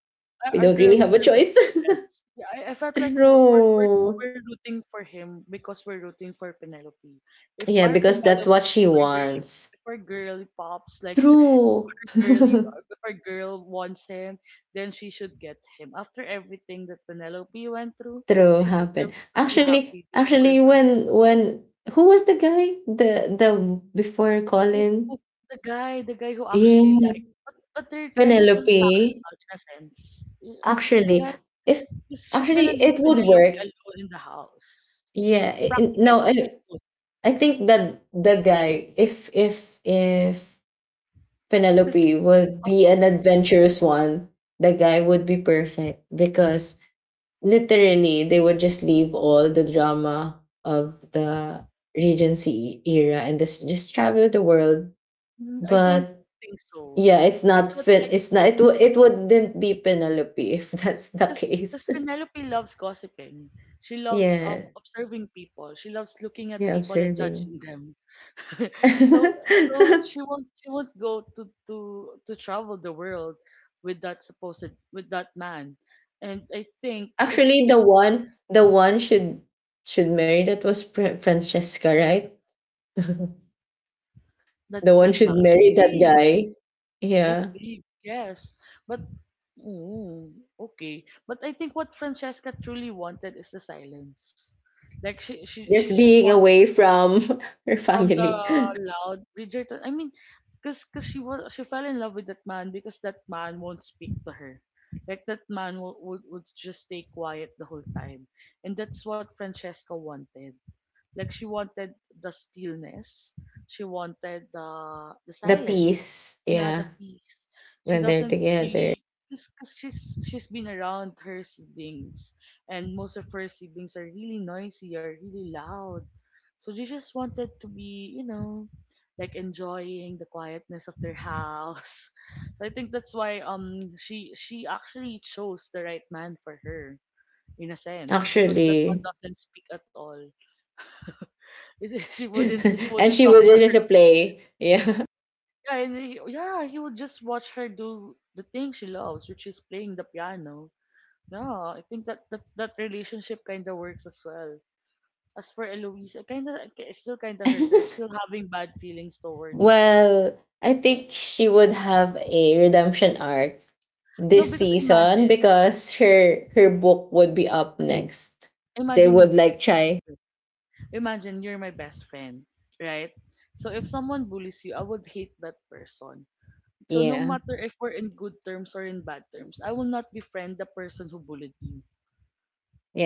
[SPEAKER 2] we
[SPEAKER 1] Our
[SPEAKER 2] don't
[SPEAKER 1] girl
[SPEAKER 2] really have a
[SPEAKER 1] deserves
[SPEAKER 2] choice.
[SPEAKER 1] the best. Yeah, I felt like we're
[SPEAKER 2] True.
[SPEAKER 1] we're rooting for him because we're rooting for Penelope. If
[SPEAKER 2] Yeah,
[SPEAKER 1] our
[SPEAKER 2] because that's
[SPEAKER 1] Penelope,
[SPEAKER 2] what she
[SPEAKER 1] if our girly,
[SPEAKER 2] wants.
[SPEAKER 1] if our girl pops, like if
[SPEAKER 2] True.
[SPEAKER 1] our girly, if our girl wants him, then she should get him. After everything that Penelope went through,
[SPEAKER 2] True
[SPEAKER 1] she
[SPEAKER 2] happened.
[SPEAKER 1] deserves to be happy
[SPEAKER 2] Actually,
[SPEAKER 1] with the
[SPEAKER 2] actually,
[SPEAKER 1] person. She's,
[SPEAKER 2] when who was the guy? The Before
[SPEAKER 1] oh,
[SPEAKER 2] Colin?
[SPEAKER 1] oh, the guy who actually
[SPEAKER 2] Yeah,
[SPEAKER 1] liked. But they're kind of
[SPEAKER 2] Penelope.
[SPEAKER 1] transactional in a sense.
[SPEAKER 2] Actually,
[SPEAKER 1] Yeah,
[SPEAKER 2] if
[SPEAKER 1] because she's
[SPEAKER 2] actually
[SPEAKER 1] gonna leave
[SPEAKER 2] it would
[SPEAKER 1] Penelope
[SPEAKER 2] work.
[SPEAKER 1] alone in the house.
[SPEAKER 2] Yeah.
[SPEAKER 1] Practically,
[SPEAKER 2] No,
[SPEAKER 1] it would.
[SPEAKER 2] I think that the guy, if
[SPEAKER 1] Because
[SPEAKER 2] Penelope
[SPEAKER 1] it's,
[SPEAKER 2] would be
[SPEAKER 1] uh,
[SPEAKER 2] an adventurous one, the guy would be perfect because literally they would just leave all the drama of the regency era and just travel the world.
[SPEAKER 1] mm, I don't
[SPEAKER 2] But
[SPEAKER 1] think so.
[SPEAKER 2] yeah,
[SPEAKER 1] I felt like,
[SPEAKER 2] it's not it, w- it wouldn't be Penelope if that's the
[SPEAKER 1] because
[SPEAKER 2] case.
[SPEAKER 1] Penelope loves gossiping. She loves
[SPEAKER 2] yeah,
[SPEAKER 1] observing people. She loves looking at
[SPEAKER 2] yeah,
[SPEAKER 1] people and
[SPEAKER 2] observing.
[SPEAKER 1] judging them. so so she won't go to travel the world with that supposed with that man. And I think if
[SPEAKER 2] actually,
[SPEAKER 1] if
[SPEAKER 2] the one should marry that was Francesca, right? the
[SPEAKER 1] that
[SPEAKER 2] one
[SPEAKER 1] that man,
[SPEAKER 2] should
[SPEAKER 1] I
[SPEAKER 2] marry that
[SPEAKER 1] think
[SPEAKER 2] guy,
[SPEAKER 1] I
[SPEAKER 2] yeah.
[SPEAKER 1] think, yes. But, mm, okay. But I think what Francesca truly wanted is the silence. Like, she
[SPEAKER 2] Just
[SPEAKER 1] just
[SPEAKER 2] being
[SPEAKER 1] want
[SPEAKER 2] away from her
[SPEAKER 1] from the
[SPEAKER 2] family.
[SPEAKER 1] loud Bridgerton. Because cause 'cause she fell in love with that man because that man won't speak to her. Like, that man would just stay quiet the whole time. And that's what Francesca wanted. Like she wanted the stillness. She wanted the
[SPEAKER 2] The
[SPEAKER 1] silence.
[SPEAKER 2] peace,
[SPEAKER 1] Yeah, the
[SPEAKER 2] yeah,
[SPEAKER 1] peace. She
[SPEAKER 2] when they're
[SPEAKER 1] doesn't
[SPEAKER 2] together.
[SPEAKER 1] really because she's been around her siblings, and most of her siblings are really noisy or really loud. So she just wanted to be, you know, like enjoying the quietness of their house. So I think that's why she actually chose the right man for her, in a sense, because that one
[SPEAKER 2] Actually,
[SPEAKER 1] doesn't speak at all. She wouldn't he
[SPEAKER 2] and
[SPEAKER 1] wouldn't
[SPEAKER 2] she
[SPEAKER 1] talk
[SPEAKER 2] would
[SPEAKER 1] to her.
[SPEAKER 2] just play, yeah.
[SPEAKER 1] Yeah, and he would just watch her do the thing she loves, which is playing the piano. Yeah, I think that relationship kind of works as well. As for Eloise, I still kind of hurt her. I'm still having bad feelings towards her.
[SPEAKER 2] Well, I think she would have a redemption arc
[SPEAKER 1] No,
[SPEAKER 2] this
[SPEAKER 1] because
[SPEAKER 2] season
[SPEAKER 1] imagine,
[SPEAKER 2] because her book would be up next. They
[SPEAKER 1] imagine
[SPEAKER 2] would
[SPEAKER 1] Nika,
[SPEAKER 2] like try,
[SPEAKER 1] imagine you're my best friend, right? So if someone bullies you, I would hate that person. So no
[SPEAKER 2] yeah,
[SPEAKER 1] matter if we're in good terms or in bad terms, I will not befriend the person who bullied you.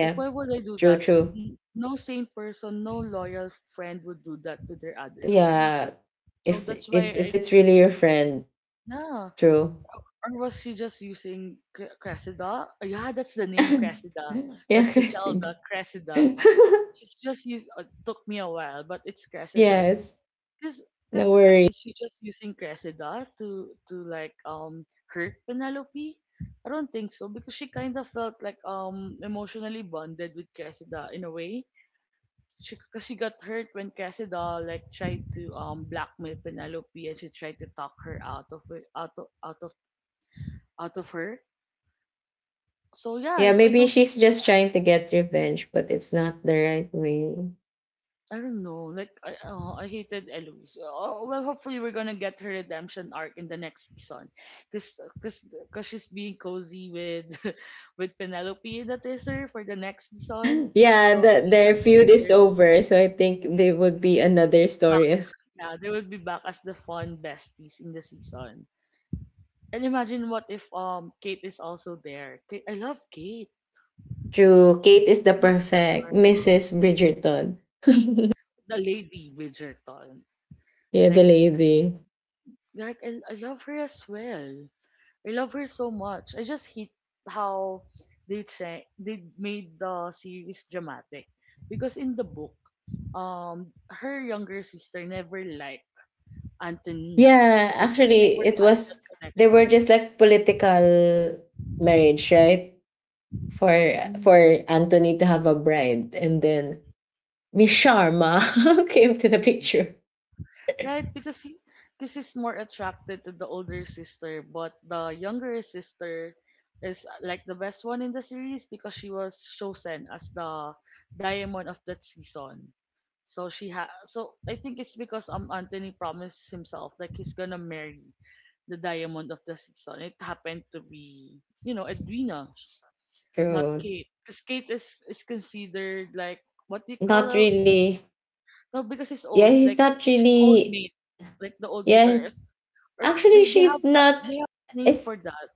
[SPEAKER 1] Like, why would I do
[SPEAKER 2] true,
[SPEAKER 1] that?
[SPEAKER 2] true,
[SPEAKER 1] No sane person, no loyal friend would do that to their other friend.
[SPEAKER 2] yeah.
[SPEAKER 1] So
[SPEAKER 2] If
[SPEAKER 1] that's
[SPEAKER 2] if
[SPEAKER 1] why
[SPEAKER 2] if it's really your friend,
[SPEAKER 1] nah.
[SPEAKER 2] true.
[SPEAKER 1] Or was she just using Cressida? Oh, yeah, that's the name, Cressida. Not
[SPEAKER 2] yeah, Christine.
[SPEAKER 1] Criselda, Cressida. She's just used, took me a while, but it's Cressida.
[SPEAKER 2] Yes.
[SPEAKER 1] Because
[SPEAKER 2] No
[SPEAKER 1] because
[SPEAKER 2] worry.
[SPEAKER 1] is she just using Cressida to like hurt Penelope? I don't think so, because she kind of felt like emotionally bonded with Cressida in a way, she because she got hurt when Cressida like tried to blackmail Penelope, and she tried to talk her out of it, out of her. So yeah,
[SPEAKER 2] Yeah, maybe she's just trying to get revenge, but it's not the right way.
[SPEAKER 1] I don't know. Like I, oh, I hated Eloise. Oh, well, hopefully we're gonna get her redemption arc in the next season, cause cause, cause she's being cozy with with Penelope, that is her for the next season.
[SPEAKER 2] yeah,
[SPEAKER 1] So I
[SPEAKER 2] the,
[SPEAKER 1] think that
[SPEAKER 2] their
[SPEAKER 1] would
[SPEAKER 2] feud is
[SPEAKER 1] work.
[SPEAKER 2] over, so I think they would be another
[SPEAKER 1] Back,
[SPEAKER 2] story as
[SPEAKER 1] yeah, they will be back as the fun besties in the season. And imagine what if Kate is also there. Kate, I love Kate.
[SPEAKER 2] true. Kate is the
[SPEAKER 1] I love Kate
[SPEAKER 2] perfect
[SPEAKER 1] Sharp,
[SPEAKER 2] Mrs. Bridgerton.
[SPEAKER 1] the lady Bridgerton.
[SPEAKER 2] Yeah, the
[SPEAKER 1] Like
[SPEAKER 2] lady.
[SPEAKER 1] like I love her as well. I love her so much. I just hate how they made the series dramatic, because in the book, her younger sister never liked Anthony.
[SPEAKER 2] Yeah,
[SPEAKER 1] Like they never
[SPEAKER 2] actually, it
[SPEAKER 1] had that
[SPEAKER 2] was they were
[SPEAKER 1] connection.
[SPEAKER 2] just like political marriage, right? For for
[SPEAKER 1] Mm.
[SPEAKER 2] Anthony to have a bride, and then Miss Sharma came to the picture.
[SPEAKER 1] Right, because this is more attracted to the older sister, but the younger sister is like the best one in the series, because she was chosen as the diamond of that season. So she ha so I think it's because Anthony promised himself like he's gonna marry the diamond of the season. It happened to be, you know, Edwina, not
[SPEAKER 2] True.
[SPEAKER 1] Kate, because Kate is considered like, what do you call
[SPEAKER 2] Not
[SPEAKER 1] her?
[SPEAKER 2] really.
[SPEAKER 1] No, because he's
[SPEAKER 2] Yeah,
[SPEAKER 1] old,
[SPEAKER 2] she's
[SPEAKER 1] like
[SPEAKER 2] not
[SPEAKER 1] old
[SPEAKER 2] really.
[SPEAKER 1] mate, like the old mate,
[SPEAKER 2] Yeah,
[SPEAKER 1] or
[SPEAKER 2] actually,
[SPEAKER 1] they have
[SPEAKER 2] she's not.
[SPEAKER 1] they have a name
[SPEAKER 2] It's
[SPEAKER 1] for that.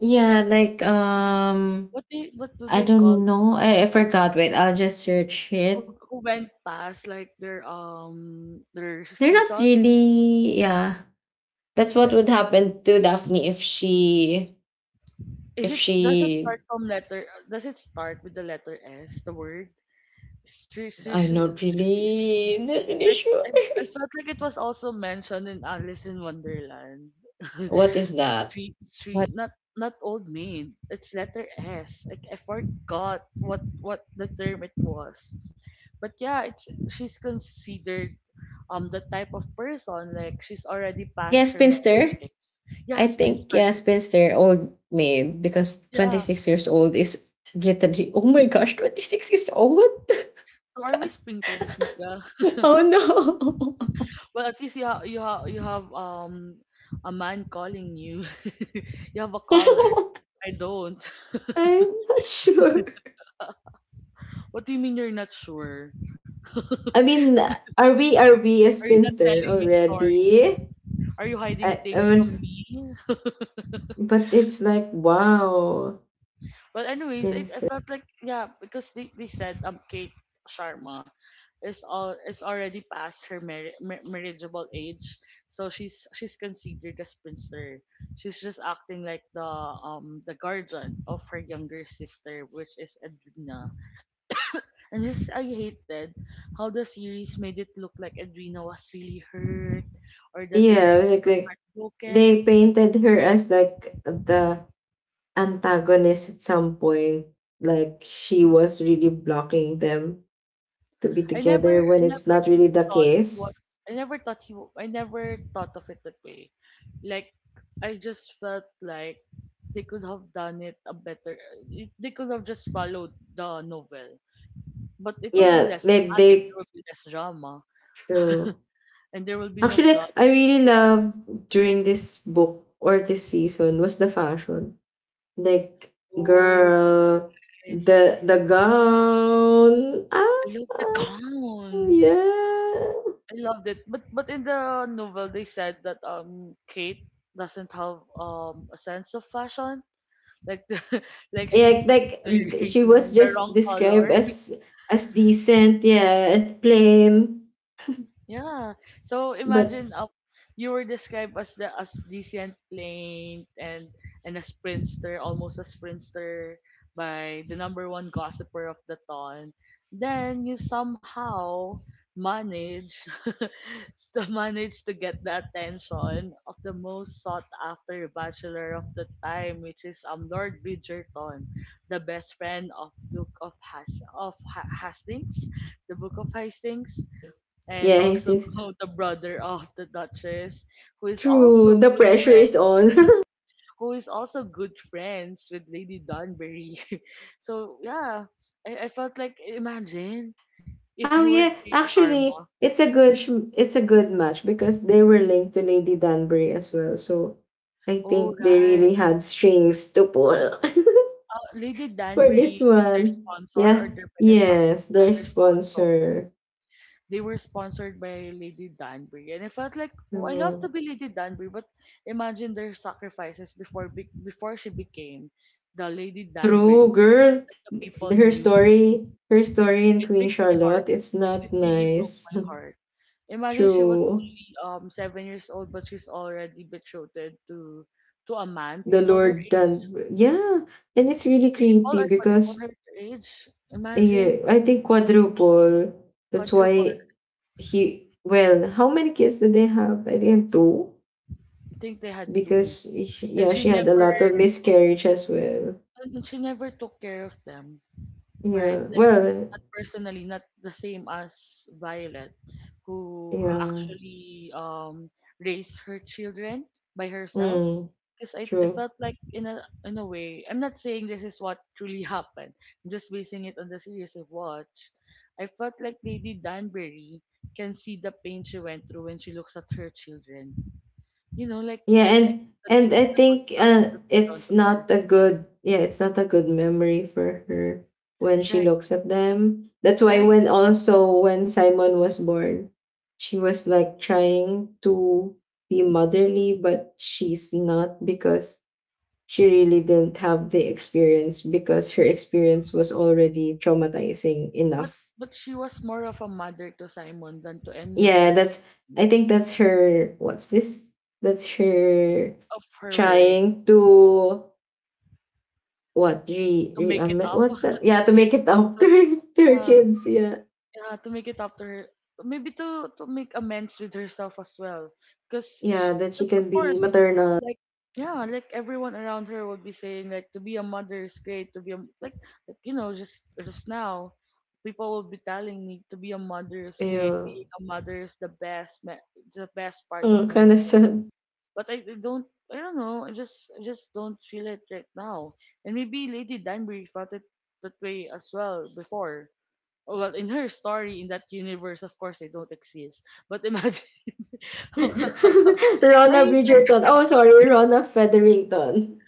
[SPEAKER 2] yeah, like
[SPEAKER 1] What they what do
[SPEAKER 2] I
[SPEAKER 1] they call
[SPEAKER 2] don't know.
[SPEAKER 1] those
[SPEAKER 2] I
[SPEAKER 1] people
[SPEAKER 2] forgot. Wait, I'll just search
[SPEAKER 1] who
[SPEAKER 2] it.
[SPEAKER 1] who went past like their
[SPEAKER 2] They're not
[SPEAKER 1] season?
[SPEAKER 2] really. Yeah, that's
[SPEAKER 1] S-
[SPEAKER 2] what
[SPEAKER 1] uh,
[SPEAKER 2] would
[SPEAKER 1] It's,
[SPEAKER 2] happen to
[SPEAKER 1] s- s-
[SPEAKER 2] Daphne
[SPEAKER 1] is
[SPEAKER 2] if
[SPEAKER 1] it, does it
[SPEAKER 2] she.
[SPEAKER 1] start from letter? Does it start with the letter S? The word Sri- Sri-
[SPEAKER 2] I'm
[SPEAKER 1] Sri- Sri-
[SPEAKER 2] not really
[SPEAKER 1] Like
[SPEAKER 2] sure.
[SPEAKER 1] I, I felt like it was also mentioned in Alice in Wonderland.
[SPEAKER 2] what is
[SPEAKER 1] It's
[SPEAKER 2] that?
[SPEAKER 1] street
[SPEAKER 2] What?
[SPEAKER 1] street not not old maid. It's letter S. Like I forgot what the term it was. But yeah, it's
[SPEAKER 2] Ah,
[SPEAKER 1] she's considered the type of person, like she's already
[SPEAKER 2] yeah,
[SPEAKER 1] past her marriage.
[SPEAKER 2] spinster.
[SPEAKER 1] Like, yeah,
[SPEAKER 2] I think
[SPEAKER 1] spinster.
[SPEAKER 2] yeah, spinster, old maid, because twenty
[SPEAKER 1] Yeah.
[SPEAKER 2] six years old is literally. Oh my gosh, 26 is old.
[SPEAKER 1] So are we sprinters, Nika?
[SPEAKER 2] oh no,
[SPEAKER 1] Well, at least you have you have a man calling you. You have a caller. I don't.
[SPEAKER 2] I'm not sure.
[SPEAKER 1] What do you mean you're not sure?
[SPEAKER 2] I mean, are we a
[SPEAKER 1] Are you not
[SPEAKER 2] spinster
[SPEAKER 1] telling me story?
[SPEAKER 2] already?
[SPEAKER 1] Are you hiding
[SPEAKER 2] I
[SPEAKER 1] things from
[SPEAKER 2] mean,
[SPEAKER 1] me?
[SPEAKER 2] but it's like wow,
[SPEAKER 1] But anyways, I
[SPEAKER 2] spinster.
[SPEAKER 1] felt like yeah, because they said Kate Sharma is already past her marriageable age, so she's considered a spinster. She's just acting like the guardian of her younger sister, which is Edwina. And this I hated how the series made it look like Edwina was really hurt, or that
[SPEAKER 2] Yeah, it was
[SPEAKER 1] Edwina was
[SPEAKER 2] like they
[SPEAKER 1] heartbroken.
[SPEAKER 2] painted her as like the antagonist at some point. Like she was really blocking them to be together
[SPEAKER 1] I
[SPEAKER 2] when it's
[SPEAKER 1] never
[SPEAKER 2] not really the
[SPEAKER 1] thought he was.
[SPEAKER 2] case.
[SPEAKER 1] I never thought of it that way. Like I just felt like they could have done it a better. They could have just followed the novel, but it will be
[SPEAKER 2] Yeah,
[SPEAKER 1] less dramatic. There
[SPEAKER 2] they
[SPEAKER 1] will be less drama,
[SPEAKER 2] true.
[SPEAKER 1] and there will be no
[SPEAKER 2] Actually,
[SPEAKER 1] plot.
[SPEAKER 2] I really love during this book or this season was the fashion. Like
[SPEAKER 1] Oh,
[SPEAKER 2] girl,
[SPEAKER 1] it,
[SPEAKER 2] the
[SPEAKER 1] ah,
[SPEAKER 2] gown. Ah,
[SPEAKER 1] I love the
[SPEAKER 2] ah, oh
[SPEAKER 1] gowns.
[SPEAKER 2] yeah.
[SPEAKER 1] I loved it, but in the novel they said that Kate doesn't have a sense of fashion. Like, like
[SPEAKER 2] Yeah,
[SPEAKER 1] she's
[SPEAKER 2] like
[SPEAKER 1] wearing
[SPEAKER 2] she was
[SPEAKER 1] the
[SPEAKER 2] just
[SPEAKER 1] wrong color.
[SPEAKER 2] described as decent, yeah, and plain.
[SPEAKER 1] Yeah. So
[SPEAKER 2] But
[SPEAKER 1] imagine you were described as the as decent plain and a sprinster, almost a sprinster, by the number one gossiper of the town. Then you somehow manage to manage to get the attention of the most sought after bachelor of the time, which is Lord Bridgerton, the best friend of Duke of Has of ha- Hastings, the Book of Hastings,
[SPEAKER 2] yeah,
[SPEAKER 1] and
[SPEAKER 2] he
[SPEAKER 1] also
[SPEAKER 2] thinks
[SPEAKER 1] the brother of the Duchess, who is also
[SPEAKER 2] true. The
[SPEAKER 1] good
[SPEAKER 2] pressure
[SPEAKER 1] friend,
[SPEAKER 2] is on.
[SPEAKER 1] who is also good friends with Lady Dunbury. So yeah, I felt like imagine if you
[SPEAKER 2] Oh
[SPEAKER 1] were
[SPEAKER 2] yeah,
[SPEAKER 1] Kate
[SPEAKER 2] actually,
[SPEAKER 1] Sharma.
[SPEAKER 2] it's a good match because they were linked to Lady Danbury as well. So I
[SPEAKER 1] Oh
[SPEAKER 2] think they
[SPEAKER 1] right,
[SPEAKER 2] really had strings to pull.
[SPEAKER 1] Lady
[SPEAKER 2] For this
[SPEAKER 1] Danbury is their
[SPEAKER 2] one.
[SPEAKER 1] sponsor or
[SPEAKER 2] Yeah.
[SPEAKER 1] their benefactor,
[SPEAKER 2] Yes, their
[SPEAKER 1] their sponsor.
[SPEAKER 2] sponsor.
[SPEAKER 1] They were sponsored by Lady Danbury, and I felt like oh, I love to
[SPEAKER 2] No.
[SPEAKER 1] be Lady Danbury, but imagine their sacrifices before before she became the Lady Danbury
[SPEAKER 2] True, girl.
[SPEAKER 1] that the people knew.
[SPEAKER 2] Her story in
[SPEAKER 1] It
[SPEAKER 2] Queen
[SPEAKER 1] breaks my heart.
[SPEAKER 2] Charlotte, it's
[SPEAKER 1] It
[SPEAKER 2] not
[SPEAKER 1] really broke
[SPEAKER 2] nice.
[SPEAKER 1] my heart. Imagine she was
[SPEAKER 2] True.
[SPEAKER 1] only 7 years old, but she's already betrothed to to a man
[SPEAKER 2] The
[SPEAKER 1] triple her
[SPEAKER 2] Lord
[SPEAKER 1] age,
[SPEAKER 2] Danbury. Yeah, and it's really
[SPEAKER 1] triple
[SPEAKER 2] creepy
[SPEAKER 1] or quadruple
[SPEAKER 2] because
[SPEAKER 1] her age. Imagine
[SPEAKER 2] yeah, I think quadruple. That's
[SPEAKER 1] quadruple.
[SPEAKER 2] why he. Well, how many kids did they have? I think two.
[SPEAKER 1] I think they had two,
[SPEAKER 2] Because she,
[SPEAKER 1] and
[SPEAKER 2] yeah,
[SPEAKER 1] she
[SPEAKER 2] she had a
[SPEAKER 1] never
[SPEAKER 2] lot of miscarriage as well.
[SPEAKER 1] took care of them, right?
[SPEAKER 2] Yeah.
[SPEAKER 1] Like,
[SPEAKER 2] Well.
[SPEAKER 1] not personally, not the same as Violet, who
[SPEAKER 2] Yeah.
[SPEAKER 1] actually raised her children by herself.
[SPEAKER 2] Mm,
[SPEAKER 1] Because I
[SPEAKER 2] true.
[SPEAKER 1] felt like in a way, I'm not saying this is what truly happened. I'm just basing it on the series I have watched. I felt like Lady Danbury can see the pain she went through when she looks at her children. You know,
[SPEAKER 2] Yeah,
[SPEAKER 1] like
[SPEAKER 2] and
[SPEAKER 1] the things
[SPEAKER 2] I think
[SPEAKER 1] that were done
[SPEAKER 2] it's
[SPEAKER 1] to her.
[SPEAKER 2] not a good, yeah, it's not a good memory for her when she
[SPEAKER 1] Right,
[SPEAKER 2] looks at them. That's why
[SPEAKER 1] right.
[SPEAKER 2] when also when Simon was born, she was like trying to be motherly, but she's not because she really didn't have the experience because her experience was already traumatizing
[SPEAKER 1] But
[SPEAKER 2] enough.
[SPEAKER 1] but she was more of a mother to Simon than to any of
[SPEAKER 2] Yeah,
[SPEAKER 1] her
[SPEAKER 2] that's
[SPEAKER 1] children,
[SPEAKER 2] I think that's her what's this? That's her
[SPEAKER 1] of her way
[SPEAKER 2] trying to what re,
[SPEAKER 1] to
[SPEAKER 2] re
[SPEAKER 1] make it up
[SPEAKER 2] what's that? Yeah, to
[SPEAKER 1] to make
[SPEAKER 2] make
[SPEAKER 1] it
[SPEAKER 2] it
[SPEAKER 1] up
[SPEAKER 2] up
[SPEAKER 1] to
[SPEAKER 2] to her
[SPEAKER 1] yeah,
[SPEAKER 2] kids. Yeah,
[SPEAKER 1] yeah, to make it up to her, maybe to make amends with herself as well,
[SPEAKER 2] yeah, that she
[SPEAKER 1] because of
[SPEAKER 2] can be
[SPEAKER 1] course
[SPEAKER 2] maternal.
[SPEAKER 1] like yeah like everyone around her would be saying like to be a mother is great, to be a like you know just now people will be telling me to be a mother is great,
[SPEAKER 2] Yeah,
[SPEAKER 1] being a mother is the best the best part of
[SPEAKER 2] oh,
[SPEAKER 1] my
[SPEAKER 2] kind of
[SPEAKER 1] life,
[SPEAKER 2] sad.
[SPEAKER 1] but I don't know. I just don't feel it right now. And maybe Lady Danbury felt it that way as well before. Oh, well, in her story, in that universe, of course, they don't exist. But imagine, I
[SPEAKER 2] Rona
[SPEAKER 1] mean, it's like
[SPEAKER 2] Bridgerton. Oh, sorry, Rona Featherington.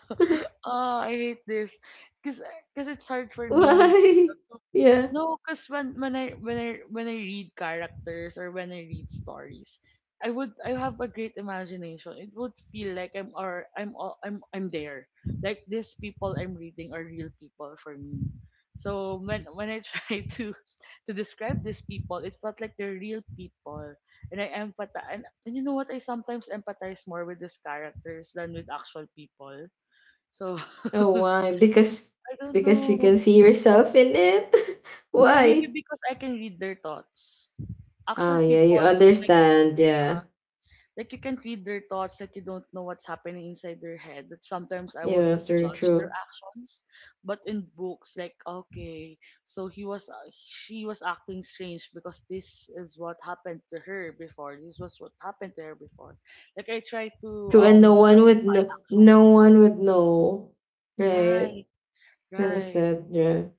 [SPEAKER 1] oh, I hate this, cause cause it's hard for me, you
[SPEAKER 2] Why?
[SPEAKER 1] know, to-
[SPEAKER 2] Yeah.
[SPEAKER 1] No, cause when I read characters, or when I read stories, I have a great imagination. It would feel like I'm al- I'm there. Like these people I'm reading are real people for me. So when I try to describe these people, it felt like they're real people, and I empathize. And you know what? I sometimes empathize more with these characters than with actual people. So
[SPEAKER 2] Oh, why?
[SPEAKER 1] I don't
[SPEAKER 2] Because you can
[SPEAKER 1] know.
[SPEAKER 2] see yourself in it.
[SPEAKER 1] Or maybe
[SPEAKER 2] Why?
[SPEAKER 1] because I can read their thoughts.
[SPEAKER 2] Oh,
[SPEAKER 1] Actual
[SPEAKER 2] yeah, you
[SPEAKER 1] people, like
[SPEAKER 2] understand.
[SPEAKER 1] uh,
[SPEAKER 2] Yeah,
[SPEAKER 1] like you can read their thoughts, like you don't know what's happening inside their head. That sometimes I would
[SPEAKER 2] yeah, true,
[SPEAKER 1] misjudge their
[SPEAKER 2] true,
[SPEAKER 1] actions. But in books, like okay, so he was she was acting strange because this is what happened to her before. This was what happened to her before. Like I try to
[SPEAKER 2] true. And no one would
[SPEAKER 1] justify
[SPEAKER 2] know. No
[SPEAKER 1] actions.
[SPEAKER 2] one would know, right?
[SPEAKER 1] Right,
[SPEAKER 2] Kind of
[SPEAKER 1] right.
[SPEAKER 2] sad. Yeah.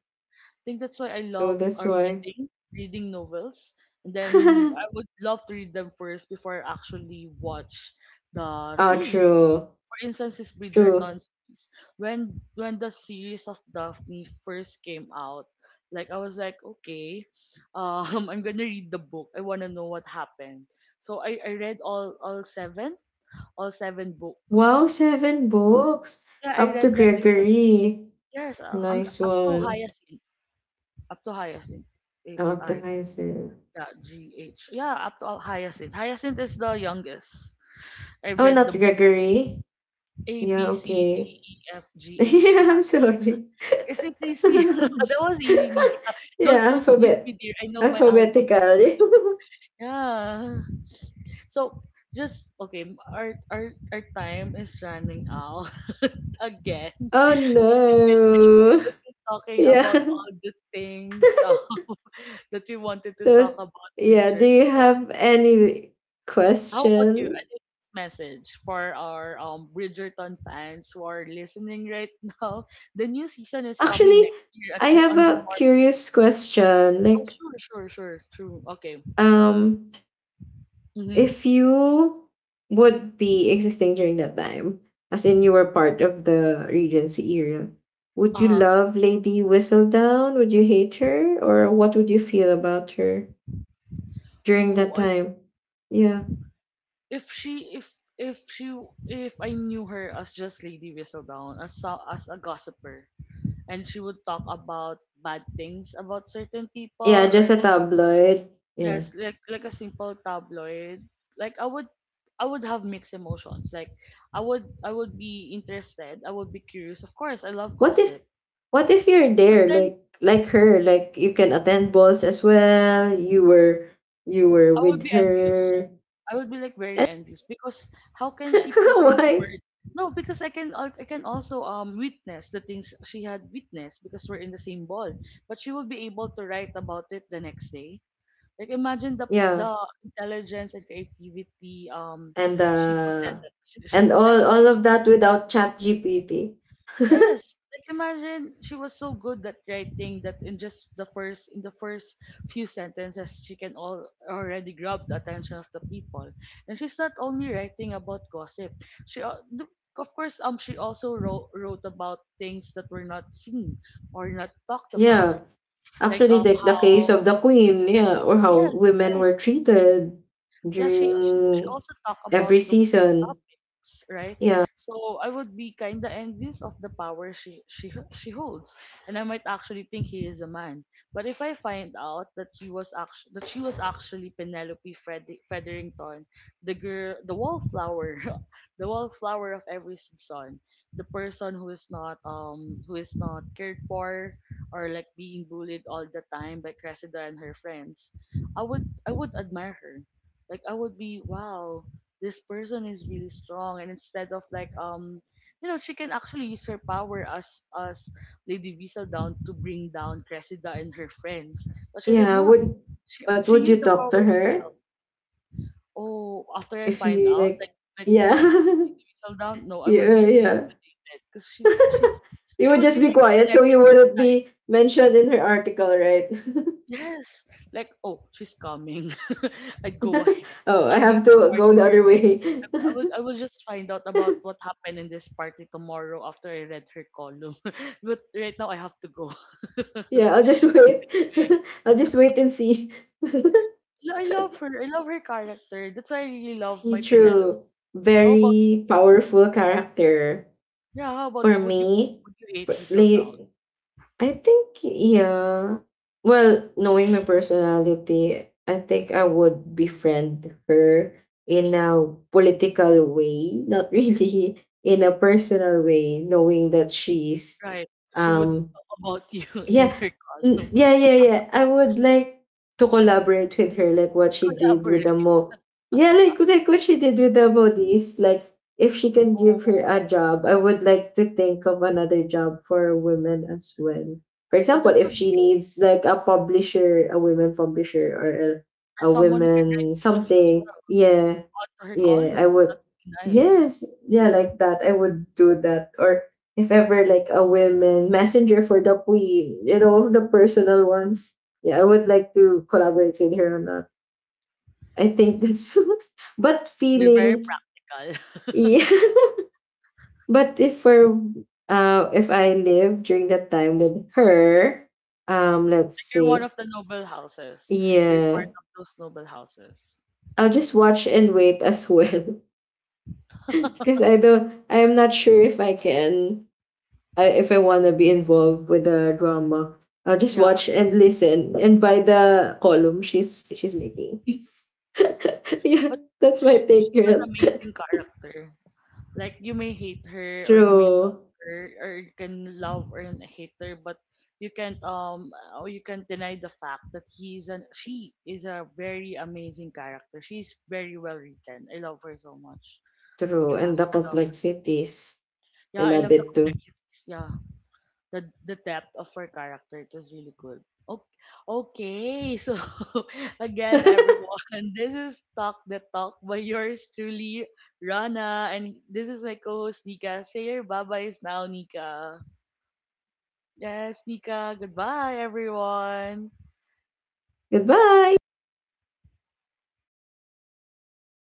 [SPEAKER 1] Think that's why I
[SPEAKER 2] So
[SPEAKER 1] love
[SPEAKER 2] that's why.
[SPEAKER 1] reading, reading novels. And then
[SPEAKER 2] oh,
[SPEAKER 1] I would love to read them first before I actually watch the series.
[SPEAKER 2] true.
[SPEAKER 1] For instance, is Bridgerton
[SPEAKER 2] True.
[SPEAKER 1] series. When the series of Daphne first came out, like I was like, okay, I'm gonna read the book. I wanna know what happened. So I read all seven all seven
[SPEAKER 2] Wow,
[SPEAKER 1] books.
[SPEAKER 2] seven books.
[SPEAKER 1] Yeah, I
[SPEAKER 2] Up to
[SPEAKER 1] read them in just
[SPEAKER 2] Gregory.
[SPEAKER 1] yes,
[SPEAKER 2] Nice
[SPEAKER 1] up to
[SPEAKER 2] one.
[SPEAKER 1] Hyacinth, up to Hyacinth.
[SPEAKER 2] Oh,
[SPEAKER 1] H
[SPEAKER 2] up to
[SPEAKER 1] I
[SPEAKER 2] Hyacinth.
[SPEAKER 1] yeah, GH. Yeah, up to Hyacinth. Hyacinth is the youngest. I
[SPEAKER 2] Oh,
[SPEAKER 1] read
[SPEAKER 2] not
[SPEAKER 1] the
[SPEAKER 2] Gregory.
[SPEAKER 1] A
[SPEAKER 2] Yeah,
[SPEAKER 1] B C
[SPEAKER 2] okay.
[SPEAKER 1] D E F G H yeah.
[SPEAKER 2] yeah, I'm sorry.
[SPEAKER 1] It's easy. That was easy, Nika. Don't
[SPEAKER 2] yeah,
[SPEAKER 1] confuse
[SPEAKER 2] alphabet.
[SPEAKER 1] me, dear. I know my alphabet.
[SPEAKER 2] Alphabetical.
[SPEAKER 1] Yeah. So just okay, our time is running out again
[SPEAKER 2] oh,
[SPEAKER 1] because
[SPEAKER 2] no.
[SPEAKER 1] we've been talking about
[SPEAKER 2] Yeah.
[SPEAKER 1] all the things that we wanted to
[SPEAKER 2] So,
[SPEAKER 1] talk about
[SPEAKER 2] yeah, do
[SPEAKER 1] Bridgerton.
[SPEAKER 2] you have any
[SPEAKER 1] How about you?
[SPEAKER 2] question?
[SPEAKER 1] I think this message for our Bridgerton fans who are listening right now. The new season is coming
[SPEAKER 2] Actually,
[SPEAKER 1] next year at,
[SPEAKER 2] I have
[SPEAKER 1] On
[SPEAKER 2] a
[SPEAKER 1] January.
[SPEAKER 2] curious question.
[SPEAKER 1] Oh,
[SPEAKER 2] Like,
[SPEAKER 1] sure, sure, sure. True. Okay.
[SPEAKER 2] um,
[SPEAKER 1] Mm-hmm.
[SPEAKER 2] if you would be existing during that time, as in you were part of the Regency era, would you
[SPEAKER 1] Uh-huh.
[SPEAKER 2] love Lady Whistledown? Would you hate her? Or what would you feel about her during that
[SPEAKER 1] Oh, I
[SPEAKER 2] time? Yeah.
[SPEAKER 1] if she if if she if I knew her as just Lady Whistledown as as a gossiper and she would talk about bad things about certain
[SPEAKER 2] Yeah,
[SPEAKER 1] people
[SPEAKER 2] just
[SPEAKER 1] or
[SPEAKER 2] a tabloid. Yeah.
[SPEAKER 1] yes, like a simple tabloid. Like I would have mixed emotions. Like I would be interested. I would be curious. Of course, I love
[SPEAKER 2] What if
[SPEAKER 1] gossip.
[SPEAKER 2] what if you're
[SPEAKER 1] But
[SPEAKER 2] there
[SPEAKER 1] then
[SPEAKER 2] like her, like you can attend balls as well. You were
[SPEAKER 1] I would
[SPEAKER 2] with
[SPEAKER 1] be envious.
[SPEAKER 2] her.
[SPEAKER 1] I would be like very envious because how can she put into
[SPEAKER 2] Why?
[SPEAKER 1] words? No, because I can I can also witness the things she had witnessed because we're in the same ball. But she will be able to write about it the next day. Like imagine
[SPEAKER 2] Yeah.
[SPEAKER 1] the intelligence and creativity
[SPEAKER 2] And
[SPEAKER 1] she
[SPEAKER 2] uh
[SPEAKER 1] possesses. She
[SPEAKER 2] and
[SPEAKER 1] possesses.
[SPEAKER 2] all of that without chat GPT.
[SPEAKER 1] Yes. Like imagine she was so good at writing that in just the first in the first few sentences she can all already grab the attention of the people. And she's not only writing about gossip. She al- the- of course she also wrote about things that were not seen or not talked about.
[SPEAKER 2] Yeah.
[SPEAKER 1] Like
[SPEAKER 2] Actually the case of
[SPEAKER 1] how
[SPEAKER 2] the queen, yeah, or how
[SPEAKER 1] yes,
[SPEAKER 2] women
[SPEAKER 1] right,
[SPEAKER 2] were treated
[SPEAKER 1] yeah she
[SPEAKER 2] during
[SPEAKER 1] also talk
[SPEAKER 2] every
[SPEAKER 1] about those
[SPEAKER 2] season.
[SPEAKER 1] topics, right.
[SPEAKER 2] Yeah.
[SPEAKER 1] So I would be kind of envious of the power she holds, and I might actually think he is a man. But if I find out that he was actually, that she was actually Penelope Featherington, the girl, the wallflower, the wallflower of every season, the person who is not cared for or like being bullied all the time by Cressida and her friends, I would I would admire her. Like I would be, wow, this person is really strong. And instead of like you know, she can actually use her power as Lady Visa down to bring down Cressida and her friends, but she did
[SPEAKER 2] Yeah.
[SPEAKER 1] not.
[SPEAKER 2] Would
[SPEAKER 1] She
[SPEAKER 2] but
[SPEAKER 1] she
[SPEAKER 2] would
[SPEAKER 1] knew
[SPEAKER 2] you
[SPEAKER 1] the
[SPEAKER 2] talk to
[SPEAKER 1] power she
[SPEAKER 2] her
[SPEAKER 1] held. Oh, after I
[SPEAKER 2] if
[SPEAKER 1] find
[SPEAKER 2] you
[SPEAKER 1] out,
[SPEAKER 2] like,
[SPEAKER 1] like she's
[SPEAKER 2] yeah.
[SPEAKER 1] Lady Visa down. No, I
[SPEAKER 2] yeah,
[SPEAKER 1] would be too
[SPEAKER 2] yeah.
[SPEAKER 1] intimidated because she's
[SPEAKER 2] You
[SPEAKER 1] she
[SPEAKER 2] would
[SPEAKER 1] would
[SPEAKER 2] just
[SPEAKER 1] be
[SPEAKER 2] be
[SPEAKER 1] like a
[SPEAKER 2] quiet so you
[SPEAKER 1] celebrity.
[SPEAKER 2] wouldn't be mentioned in her article, right?
[SPEAKER 1] Yes, like oh, she's coming. I'd go ahead.
[SPEAKER 2] oh, I
[SPEAKER 1] I'll leave
[SPEAKER 2] have
[SPEAKER 1] the
[SPEAKER 2] to
[SPEAKER 1] party.
[SPEAKER 2] go the other way.
[SPEAKER 1] I will I will just find out about what happened in this party tomorrow after I read her column. But right now I have to go.
[SPEAKER 2] Yeah,
[SPEAKER 1] Definitely.
[SPEAKER 2] I'll just wait. I'll just wait and see.
[SPEAKER 1] Yeah, I love her. I love her character. That's why I really love my Penelope.
[SPEAKER 2] True.
[SPEAKER 1] How about
[SPEAKER 2] Very powerful character.
[SPEAKER 1] yeah, how about
[SPEAKER 2] For
[SPEAKER 1] you?
[SPEAKER 2] me,
[SPEAKER 1] Would you hate
[SPEAKER 2] for,
[SPEAKER 1] Diesel Down?
[SPEAKER 2] like, I think, yeah. Well, knowing my personality, I think I would befriend her in a political way, not really in a personal way, knowing that she's
[SPEAKER 1] Right. She would
[SPEAKER 2] um
[SPEAKER 1] talk about you in
[SPEAKER 2] yeah.
[SPEAKER 1] her column.
[SPEAKER 2] Mm, yeah, yeah, yeah. I would like to collaborate with her, like what she did with
[SPEAKER 1] Collaborate.
[SPEAKER 2] the mo. Yeah, like what she did with the modis. Like if she can give her
[SPEAKER 1] Oh,
[SPEAKER 2] a job, I would like to think of another job for women as well. For
[SPEAKER 1] oh
[SPEAKER 2] example,
[SPEAKER 1] that
[SPEAKER 2] if
[SPEAKER 1] would be
[SPEAKER 2] she
[SPEAKER 1] great.
[SPEAKER 2] needs like a publisher, a women publisher or
[SPEAKER 1] Or
[SPEAKER 2] a
[SPEAKER 1] someone who can write
[SPEAKER 2] women
[SPEAKER 1] pictures as
[SPEAKER 2] something.
[SPEAKER 1] well
[SPEAKER 2] Yeah.
[SPEAKER 1] onto her
[SPEAKER 2] Yeah,
[SPEAKER 1] column.
[SPEAKER 2] I would.
[SPEAKER 1] That would be nice.
[SPEAKER 2] Yes, yeah, like that. I would do that. Or if ever like a women messenger for the queen, you know, the personal ones. Yeah, I would like to collaborate with her on that. I think
[SPEAKER 1] Mm,
[SPEAKER 2] that's but
[SPEAKER 1] you're very
[SPEAKER 2] feeling
[SPEAKER 1] practical.
[SPEAKER 2] yeah. But if we're if I live during that time with her, let's
[SPEAKER 1] You're one
[SPEAKER 2] see.
[SPEAKER 1] of the noble houses. You're part
[SPEAKER 2] Yeah.
[SPEAKER 1] of those noble houses.
[SPEAKER 2] I'll just watch and wait as well. because I'm not sure if I can if I want to be involved with the drama. I'll just
[SPEAKER 1] Yeah,
[SPEAKER 2] watch and listen and buy the column she's making. yeah,
[SPEAKER 1] but
[SPEAKER 2] that's my
[SPEAKER 1] sh
[SPEAKER 2] take,
[SPEAKER 1] she's an
[SPEAKER 2] girl.
[SPEAKER 1] amazing character. Like you may hate her or you may love
[SPEAKER 2] True,
[SPEAKER 1] her, or you can love or hate her, but you can't deny the fact that he's an she is a very amazing character. She's very well written. I love her so much. Like
[SPEAKER 2] true, and the
[SPEAKER 1] I love
[SPEAKER 2] complexities. I
[SPEAKER 1] yeah, I
[SPEAKER 2] love
[SPEAKER 1] love the
[SPEAKER 2] it too.
[SPEAKER 1] complexities. Yeah. The depth of her character, it was really good. Okay, okay so again everyone, this is Talk the Talk by yours truly Rana, and this is my co-host Nika. Say your bye-byes now, Nika. Yes Nika, goodbye everyone.
[SPEAKER 2] Goodbye.